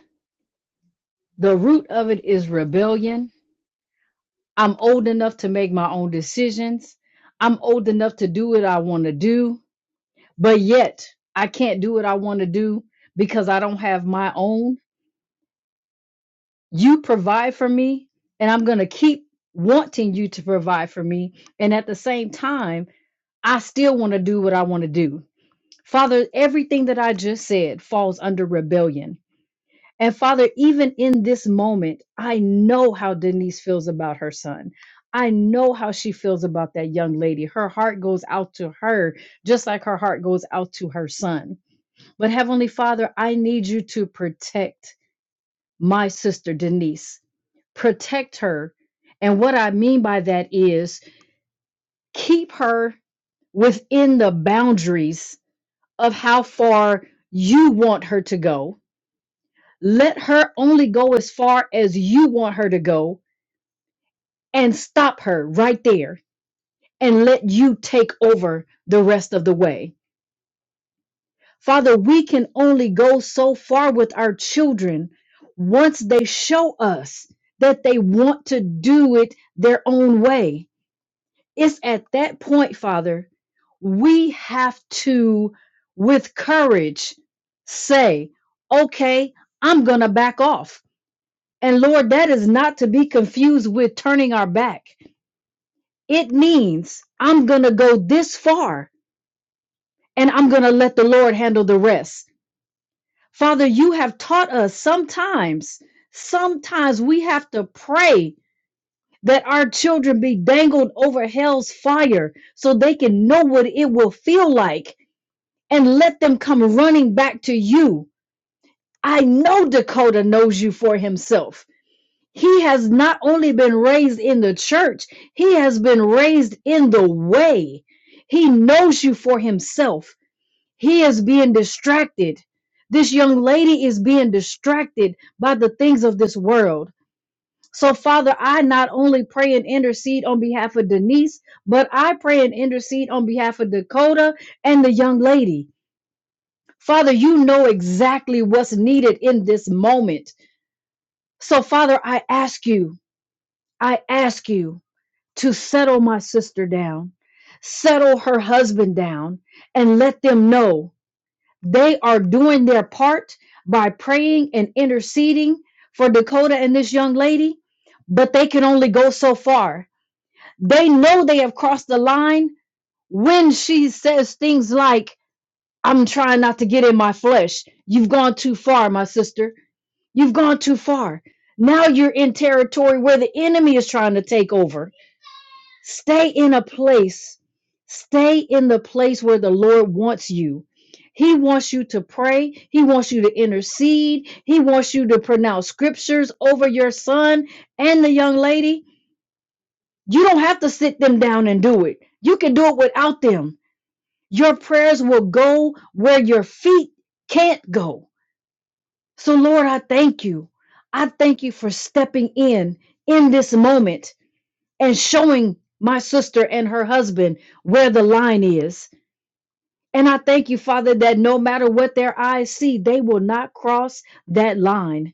S9: The root of it is rebellion. I'm old enough to make my own decisions. I'm old enough to do what I want to do. but yet I can't do what I want to do because I don't have my own. You provide for me, and I'm going to keep wanting you to provide for me. And at the same time, I still want to do what I want to do. Father, everything that I just said falls under rebellion. And Father, even in this moment, I know how Denise feels about her son. I know how she feels about that young lady. Her heart goes out to her, just like her heart goes out to her son. But Heavenly Father, I need you to protect my sister Denise. Protect her. And what I mean by that is keep her within the boundaries of how far you want her to go. Let her only go as far as you want her to go and stop her right there and let you take over the rest of the way. Father, we can only go so far with our children once they show us that they want to do it their own way. It's at that point, Father, we have to, with courage, say, okay, I'm going to back off. And Lord, that is not to be confused with turning our back. It means I'm going to go this far and I'm going to let the Lord handle the rest. Father, you have taught us sometimes, sometimes we have to pray that our children be dangled over hell's fire so they can know what it will feel like and let them come running back to you. I know Dakota knows you for himself. He has not only been raised in the church, he has been raised in the way. He knows you for himself. He is being distracted. This young lady is being distracted by the things of this world. So, Father, I not only pray and intercede on behalf of Denise, but I pray and intercede on behalf of Dakota and the young lady. Father, you know exactly what's needed in this moment. So, Father, I ask you, I ask you to settle my sister down, settle her husband down, and let them know. They are doing their part by praying and interceding for Dakota and this young lady, but they can only go so far. They know they have crossed the line when she says things like, I'm trying not to get in my flesh. You've gone too far, my sister. You've gone too far. Now you're in territory where the enemy is trying to take over Stay in a place. Stay in the place where the Lord wants you. He wants you to pray. He wants you to intercede. He wants you to pronounce scriptures over your son and the young lady. You don't have to sit them down and do it. You can do it without them. Your prayers will go where your feet can't go. So, Lord, I thank you. I thank you for stepping in in this moment and showing my sister and her husband where the line is. And I thank you, Father, that no matter what their eyes see, they will not cross that line.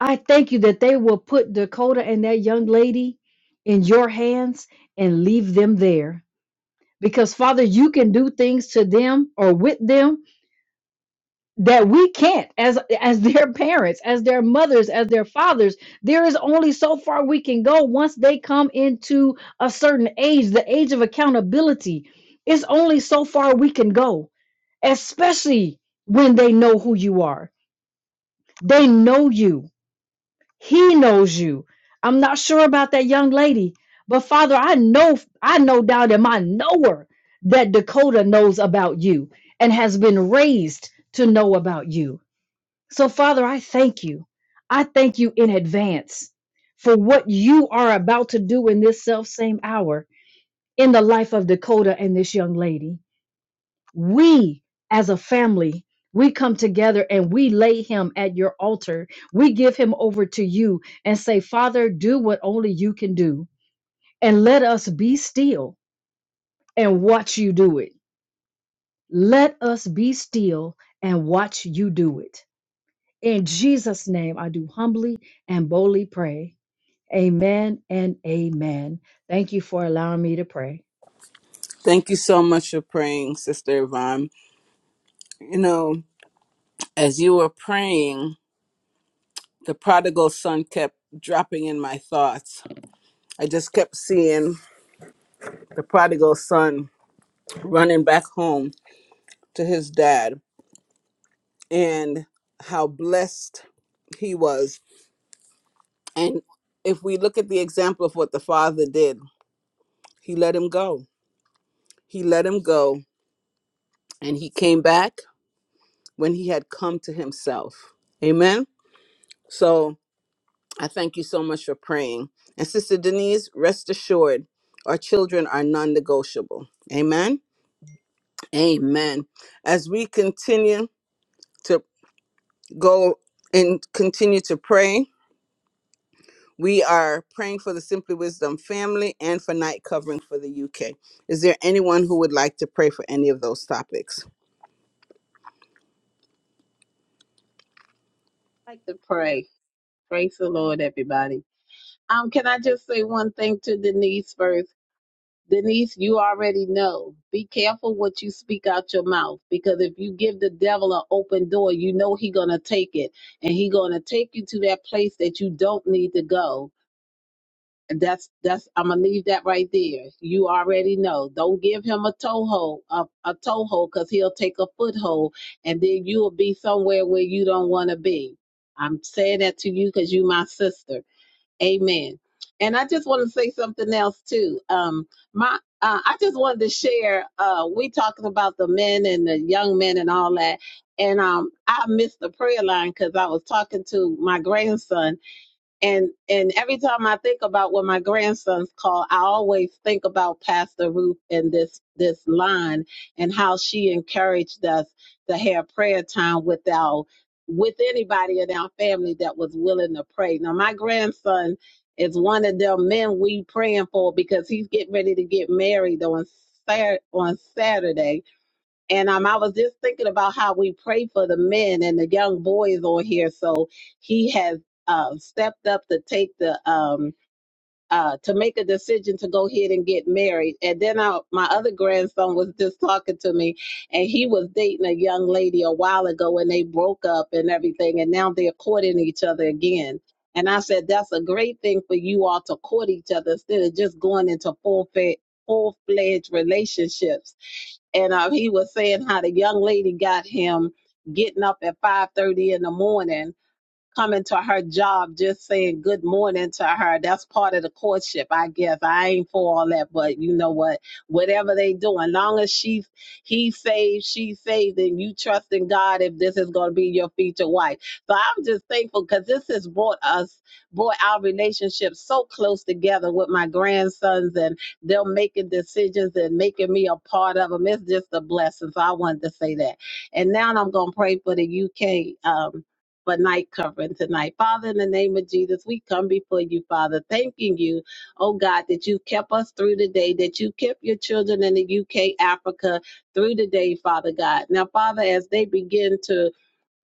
S9: I thank you that they will put Dakota and that young lady in your hands and leave them there. Because, Father, you can do things to them or with them that we can't as as their parents as their mothers as their fathers there is only so far we can go once they come into a certain age the age of accountability it's only so far we can go especially when they know who you are they know you he knows you i'm not sure about that young lady but father i know i know down in my knower that dakota knows about you and has been raised to know about you so, Father, I thank you. I thank you in advance for what you are about to do in this self same hour in the life of Dakota and this young lady. We, as a family, we come together and we lay him at your altar. We give him over to you and say, Father, do what only you can do. And let us be still and watch you do it. Let us be still and watch you do it. In Jesus' name, I do humbly and boldly pray. Amen and amen. Thank you for allowing me to pray.
S1: Thank you so much for praying, Sister Yvonne. You know, as you were praying, the prodigal son kept dropping in my thoughts. I just kept seeing the prodigal son running back home to his dad and how blessed he was. And if we look at the example of what the father did, he let him go. He let him go and he came back when he had come to himself. Amen. So I thank you so much for praying. And Sister Denise, rest assured, our children are non negotiable. Amen. Amen. As we continue to go and continue to pray, we are praying for the Simply Wisdom family and for night covering for the UK. Is there anyone who would like to pray for any of those topics?
S10: like to pray. Praise the Lord, everybody. Um, can I just say one thing to Denise first? Denise, you already know. Be careful what you speak out your mouth because if you give the devil an open door, you know he gonna take it and he gonna take you to that place that you don't need to go that's that's I'm gonna leave that right there. You already know. Don't give him a toehold, a, a toehold, because he'll take a foothold, and then you'll be somewhere where you don't want to be. I'm saying that to you because you my sister. Amen. And I just want to say something else too. Um, my uh, I just wanted to share. Uh, we talking about the men and the young men and all that, and um, I missed the prayer line because I was talking to my grandson and and every time I think about what my grandson's called, I always think about Pastor Ruth and this this line and how she encouraged us to have prayer time with our with anybody in our family that was willing to pray. Now my grandson is one of them men we praying for because he's getting ready to get married on Sat on Saturday and um, I was just thinking about how we pray for the men and the young boys on here. So he has um, stepped up to take the um, uh, to make a decision to go ahead and get married. And then I, my other grandson was just talking to me, and he was dating a young lady a while ago, and they broke up and everything, and now they're courting each other again. And I said that's a great thing for you all to court each other instead of just going into full full fledged relationships and uh, he was saying how the young lady got him getting up at 5.30 in the morning coming to her job just saying good morning to her that's part of the courtship i guess i ain't for all that but you know what whatever they doing long as she he saved she saved and you trust in god if this is going to be your future wife so i'm just thankful because this has brought us brought our relationship so close together with my grandsons and they're making decisions and making me a part of them it's just a blessing so i wanted to say that and now i'm going to pray for the uk um for night covering tonight. Father, in the name of Jesus, we come before you, Father, thanking you, oh God, that you kept us through the day, that you kept your children in the UK, Africa through the day, Father God. Now, Father, as they begin to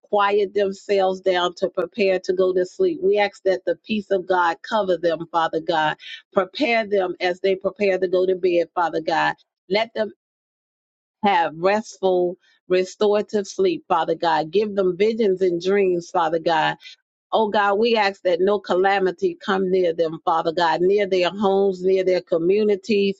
S10: quiet themselves down to prepare to go to sleep, we ask that the peace of God cover them, Father God. Prepare them as they prepare to go to bed, Father God. Let them have restful, restorative sleep, Father God. Give them visions and dreams, Father God Oh God, we ask that no calamity come near them, Father God, near their homes, near their communities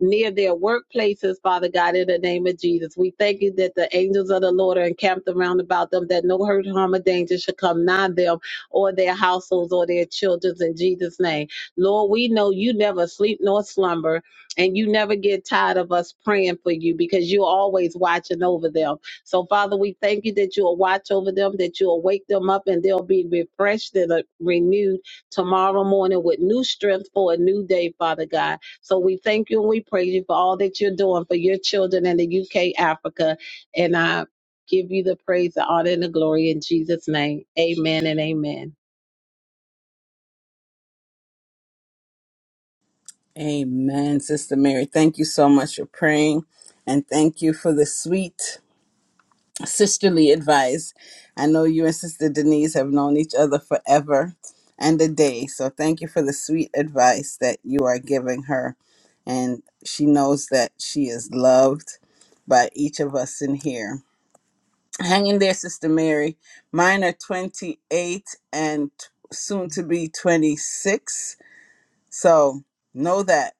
S10: near their workplaces, Father God, in the name of Jesus. We thank you that the angels of the Lord are encamped around about them, that no hurt, harm, or danger should come nigh them or their households or their children's in Jesus' name. Lord, we know you never sleep nor slumber, and you never get tired of us praying for you because you're always watching over them. So, Father, we thank you that you'll watch over them, that you'll wake them up, and they'll be refreshed and uh, renewed tomorrow morning with new strength for a new day, Father God. So we thank you and we praise you for all that you're doing for your children in the UK, Africa. And I give you the praise, the honor, and the glory in Jesus' name. Amen and amen.
S1: Amen, Sister Mary. Thank you so much for praying and thank you for the sweet sisterly advice. I know you and Sister Denise have known each other forever and a day. So thank you for the sweet advice that you are giving her. And she knows that she is loved by each of us in here. Hang in there, Sister Mary. Mine are 28 and t- soon to be 26. So know that.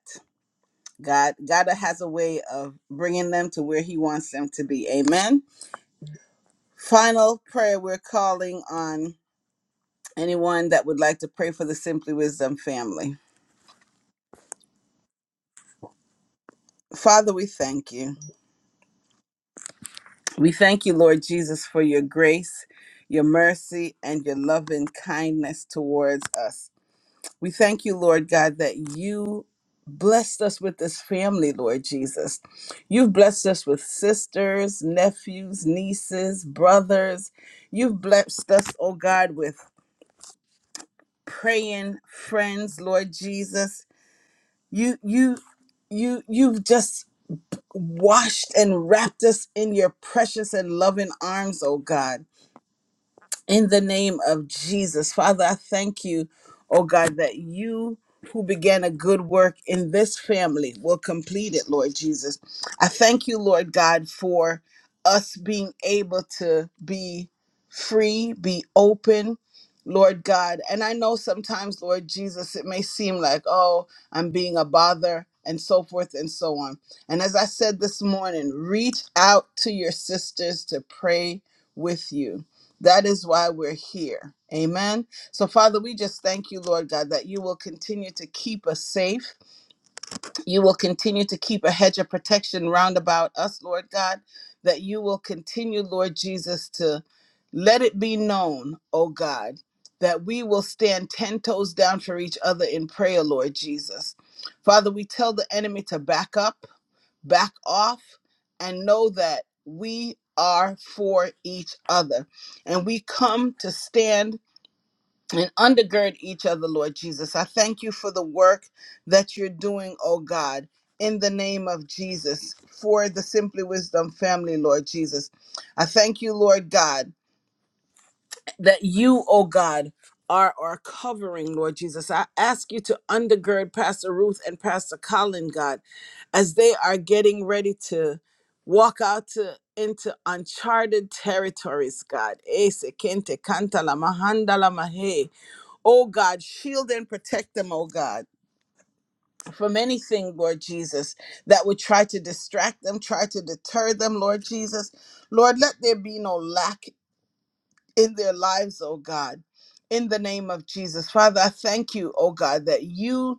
S1: God, God has a way of bringing them to where He wants them to be. Amen. Final prayer we're calling on anyone that would like to pray for the Simply Wisdom family. Father, we thank you. We thank you, Lord Jesus, for your grace, your mercy, and your loving kindness towards us. We thank you, Lord God, that you blessed us with this family, Lord Jesus. You've blessed us with sisters, nephews, nieces, brothers. You've blessed us, oh God, with praying friends, Lord Jesus. You you you you've just washed and wrapped us in your precious and loving arms, oh God. in the name of Jesus. Father, I thank you, oh God, that you who began a good work in this family will complete it, Lord Jesus. I thank you, Lord God, for us being able to be free, be open. Lord God, and I know sometimes, Lord Jesus, it may seem like, oh, I'm being a bother and so forth and so on. And as I said this morning, reach out to your sisters to pray with you that is why we're here. Amen. So, Father, we just thank you, Lord God, that you will continue to keep us safe. You will continue to keep a hedge of protection round about us, Lord God, that you will continue, Lord Jesus, to let it be known, oh God, that we will stand 10 toes down for each other in prayer, Lord Jesus. Father, we tell the enemy to back up back off and know that we are for each other. And we come to stand and undergird each other, Lord Jesus. I thank you for the work that you're doing, oh God, in the name of Jesus, for the Simply Wisdom family, Lord Jesus. I thank you, Lord God, that you, oh God, are our covering, Lord Jesus. I ask you to undergird Pastor Ruth and Pastor Colin, God as they are getting ready to walk out to, into uncharted territories, God. Ese kente kanta la mahanda la mahe. Oh God, shield and protect them, oh God, from anything, Lord Jesus, that would try to distract them, try to deter them, Lord Jesus. Lord, let there be no lack in their lives, oh God. In the name of Jesus. Father, I thank you, oh God, that you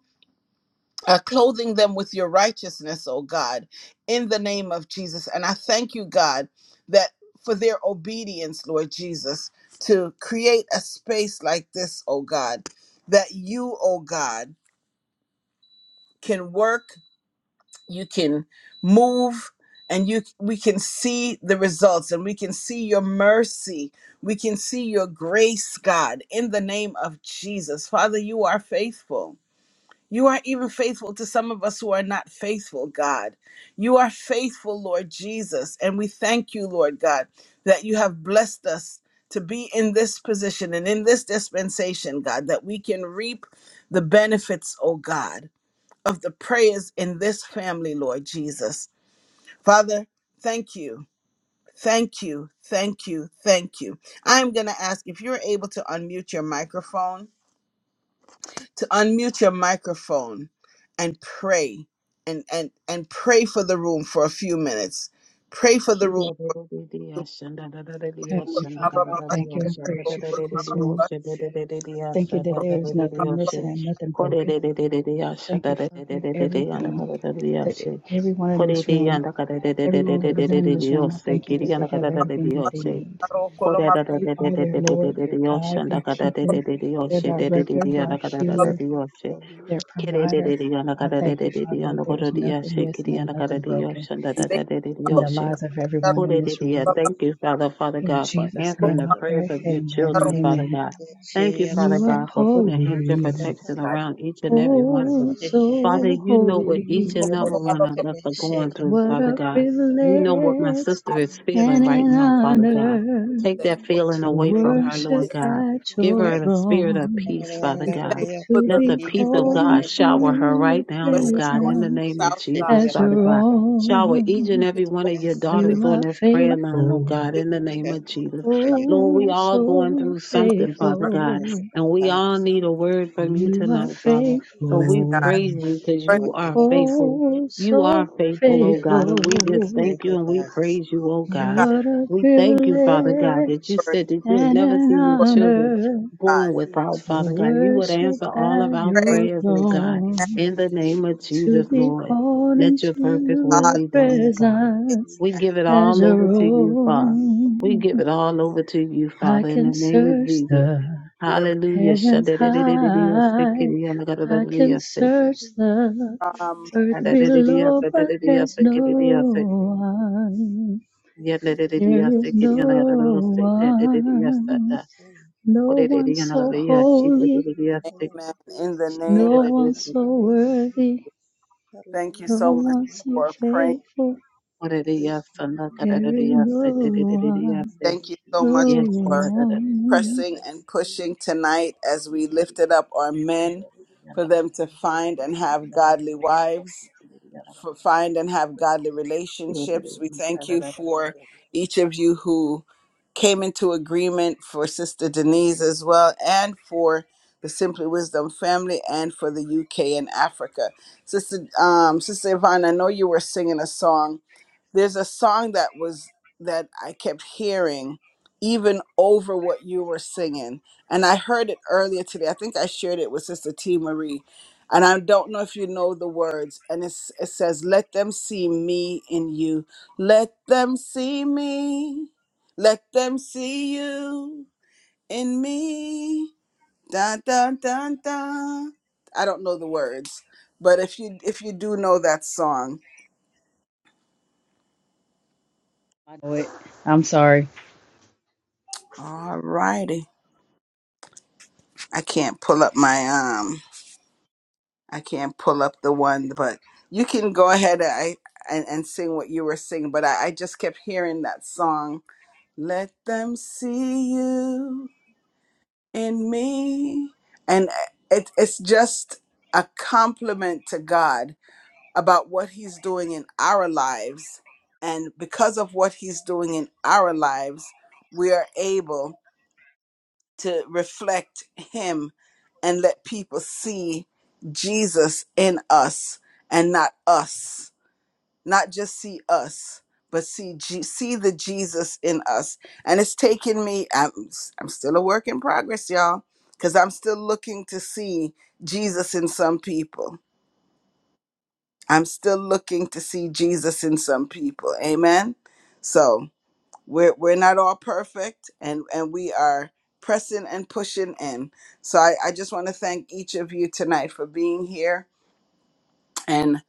S1: uh, clothing them with your righteousness, oh God, in the name of Jesus. And I thank you, God, that for their obedience, Lord Jesus, to create a space like this, oh God, that you, oh God, can work, you can move. And you, we can see the results, and we can see your mercy. We can see your grace, God, in the name of Jesus. Father, you are faithful. You are even faithful to some of us who are not faithful, God. You are faithful, Lord Jesus. And we thank you, Lord God, that you have blessed us to be in this position and in this dispensation, God, that we can reap the benefits, oh God, of the prayers in this family, Lord Jesus. Father, thank you. Thank you. Thank you. Thank you. I'm going to ask if you're able to unmute your microphone to unmute your microphone and pray and and and pray for the room for a few minutes pray for the room
S9: Heavenly Father, I thank you and praise you for this room. Thank you that there is nothing missing and nothing broken. Thank you, Father, that everything, that everyone in this room, everyone represented in this room, I thank you that they have everything that they need.
S10: Koda da da
S9: You
S10: da da
S9: are
S10: da
S9: their
S10: da da da
S9: Lord,
S10: da
S9: their
S10: da yosha
S9: guide,
S10: da
S9: their
S10: ka da da
S9: keeper,
S10: da da da
S9: their
S10: yosha da da da
S9: director,
S10: da yana
S9: their
S10: ka da da
S9: healer,
S10: da da yosha
S9: their
S10: kere da
S9: provider.
S10: da da yana ka
S9: I
S10: da da
S9: thank
S10: da
S9: you,
S10: da da
S9: Father, that
S10: yana
S9: there
S10: koda
S9: is
S10: da
S9: nothing
S10: yosha
S9: missing
S10: kiri
S9: and
S10: yana ka da
S9: nothing
S10: da
S9: broken
S10: yosha da da da da
S9: in the
S10: da
S9: lives of everyone in this
S10: Hallelujah.
S9: room.
S10: Thank you, Father, Father
S9: In
S10: God,
S3: Yes,
S10: for
S3: for
S9: Jesus'
S10: answering
S9: name
S3: you.
S10: the
S9: I
S10: prayers
S9: pray.
S10: of your
S9: Amen and
S3: Lord
S10: children,
S3: God,
S10: Father
S9: amen.
S3: thank
S10: God. Thank you,
S3: you for your
S10: Father
S9: You are
S3: love,
S10: God, for putting a hedge of
S3: and
S9: holy,
S10: protection around each and every one of
S9: oh,
S10: us.
S3: kindness in our lives.
S10: Father,
S3: Thank
S9: so
S3: you
S10: you know what
S9: holy.
S10: each
S3: for
S10: and
S3: the word
S10: every one of us are going through,
S9: What
S10: Father
S3: that
S9: a
S10: God. You know what my
S9: privilege
S10: sister is feeling
S9: and
S5: you.
S10: right
S9: an
S10: now, Father
S5: Thank
S10: God.
S9: honor
S10: Take that feeling
S9: to
S10: away from her,
S9: worship
S10: Lord God.
S9: at
S10: Give
S9: your
S10: her the spirit of
S9: throne.
S10: peace, Father
S1: we thank you
S10: God.
S1: for
S9: to
S10: Let
S1: the
S10: the
S9: be
S10: peace of
S9: called
S10: God
S9: into
S10: shower her right
S9: your
S10: now, oh
S1: west
S10: God,
S1: north
S10: in the
S9: presence
S10: name
S1: and
S10: of
S1: south god
S10: Jesus,
S9: as
S10: Father
S9: your
S10: God. Shower each and
S9: own.
S10: every
S1: Thank you,
S10: one
S1: oh
S10: of
S1: god
S10: your
S1: that this
S9: You
S10: daughters on
S9: are
S10: this prayer line, oh
S9: faithful,
S10: God,
S1: this is
S10: in the name of Jesus. Lord, we
S9: oh,
S10: all going
S9: so
S10: through something, Father
S1: our
S10: God,
S9: faithful.
S10: and we all need a word from you
S9: You are
S10: tonight, Father. So
S1: fullness,
S10: we
S9: faithful,
S1: god
S10: praise you because
S1: word of
S10: you
S3: will
S10: are
S3: guide us.
S10: faithful.
S9: oh,
S10: You are
S9: so
S10: faithful, oh God,
S9: faithful.
S10: and we just
S3: We're
S10: thank you
S3: daily
S10: and we praise you, oh God.
S1: god
S9: What
S3: lives.
S9: a
S10: We
S9: privilege
S10: thank you, Father God, that you
S1: word
S10: said that you'll
S9: and
S10: never see
S9: an
S10: your
S1: word of
S10: children
S9: honor
S10: born
S1: god
S10: without,
S9: to
S10: Father God. You would
S9: worship
S10: answer
S5: you.
S10: all of
S9: at
S10: our
S1: pray
S9: your
S10: prayers, oh God,
S9: throne.
S5: the Spirit of the and the Spirit of to be
S1: and
S10: in the name of
S9: to
S10: Jesus,
S9: be
S10: Lord.
S9: called
S10: Let
S9: into
S10: your perfect will
S9: your
S1: god
S10: be done, O God.
S9: presence
S10: We
S1: amen
S10: give it
S9: as
S10: all over
S9: your
S10: to you, Father.
S9: own.
S10: We give it all over to you,
S9: I
S10: Father, in
S9: can
S10: the name of
S9: search
S5: Hallelujah.
S10: Jesus.
S9: the
S1: do every
S5: Hallelujah.
S10: Hallelujah.
S9: heavens
S5: Thank
S9: high. I can search the
S1: um
S9: earth below, but there's no one. There is no one. No one so holy.
S1: amen in the name
S9: No
S1: of-
S9: one so worthy.
S1: thank you
S9: No
S1: so much
S9: one so
S1: for praying
S5: you,
S9: faithful.
S5: Jesus. Thank you,
S9: There is
S5: Jesus.
S9: no
S5: Thank you,
S9: one,
S1: thank you so much
S9: no one.
S10: Yes,
S1: pressing and pushing tonight as we lifted up our men for them to find and have godly wives, for find and have godly relationships. We thank you for each of you who came into agreement for Sister Denise as well and for the Simply Wisdom family and for the UK and Africa. Sister um Sister Yvonne, I know you were singing a song there's a song that was that I kept hearing even over what you were singing. And I heard it earlier today. I think I shared it with Sister T Marie. And I don't know if you know the words. And it's, it says, Let them see me in you. Let them see me. Let them see you in me. Dun, dun, dun, dun. I don't know the words, but if you if you do know that song,
S9: I know it. I'm sorry.
S1: all righty. I can't pull up my um I can't pull up the one but you can go ahead and I and, and sing what you were singing but I, I just kept hearing that song let them see you in me and uh, it, it's just a compliment to God about what he's doing in our lives and because of what he's doing in our lives we are able to reflect him and let people see Jesus in us and not us, not just see us, but see G- see the Jesus in us. And it's taken me. I'm I'm still a work in progress, y'all, because I'm still looking to see Jesus in some people. I'm still looking to see Jesus in some people. Amen. So we're we're not all perfect and and we are pressing and pushing in so i, I just want to thank each of you tonight for being here and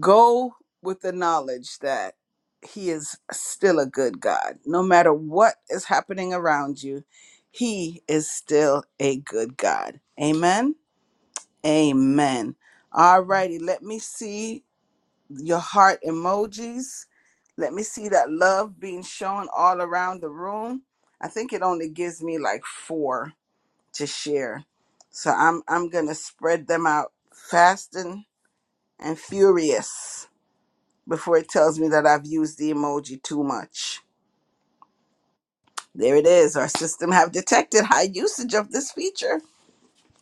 S1: go with the knowledge that he is still a good god no matter what is happening around you he is still a good god amen amen all righty let me see your heart emojis let me see that love being shown all around the room. I think it only gives me like four to share. So I'm I'm gonna spread them out fast and, and furious before it tells me that I've used the emoji too much. There it is. Our system have detected high usage of this feature.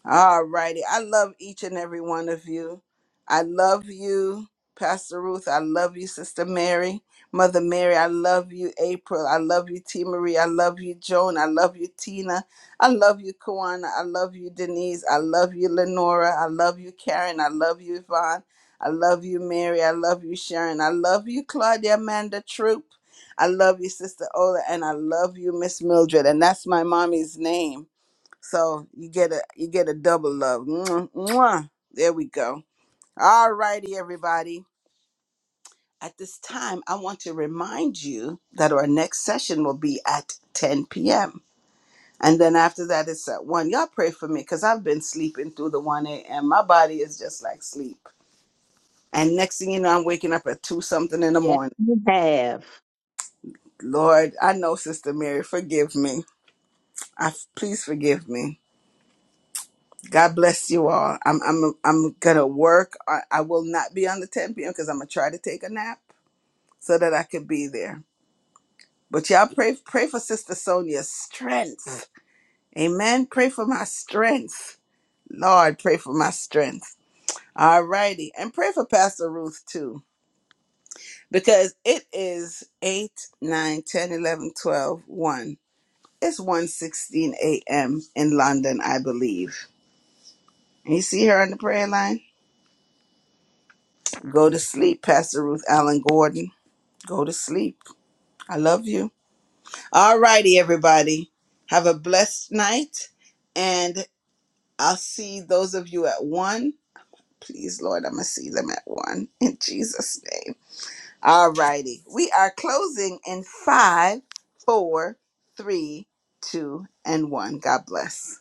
S1: All righty. I love each and every one of you. I love you, Pastor Ruth. I love you, Sister Mary. Mother Mary, I love you, April. I love you, T. Marie. I love you, Joan. I love you, Tina. I love you, Kawana. I love you, Denise. I love you, Lenora. I love you, Karen. I love you, Yvonne. I love you, Mary. I love you, Sharon. I love you, Claudia Amanda Troop. I love you, Sister Ola. And I love you, Miss Mildred. And that's my mommy's name. So you get a you get a double love. Mwah, mwah. There we go. All righty, everybody. At this time, I want to remind you that our next session will be at 10 p.m. And then after that, it's at 1. Y'all pray for me because I've been sleeping through the 1 a.m. My body is just like sleep. And next thing you know, I'm waking up at 2 something in the morning.
S10: Yeah.
S1: Lord, I know Sister Mary, forgive me. I, please forgive me. God bless you all. I'm I'm I'm gonna work. I, I will not be on the 10 p.m. because I'm gonna try to take a nap so that I could be there. But y'all pray pray for Sister Sonia's strength. Amen. Pray for my strength. Lord, pray for my strength. All righty. And pray for Pastor Ruth too. 'Cause it's 8 1. It's 1 a.m. in London, I believe. And you see her on the prayer line? Go to sleep, Pastor Ruth Allen Gordon. Go to sleep. I love you. All righty, everybody. Have a blessed night. And I'll see those of you at one. Please, Lord, I'm going to see them at one in Jesus' name. All righty. We are closing in five, four, three, two, and one. God bless.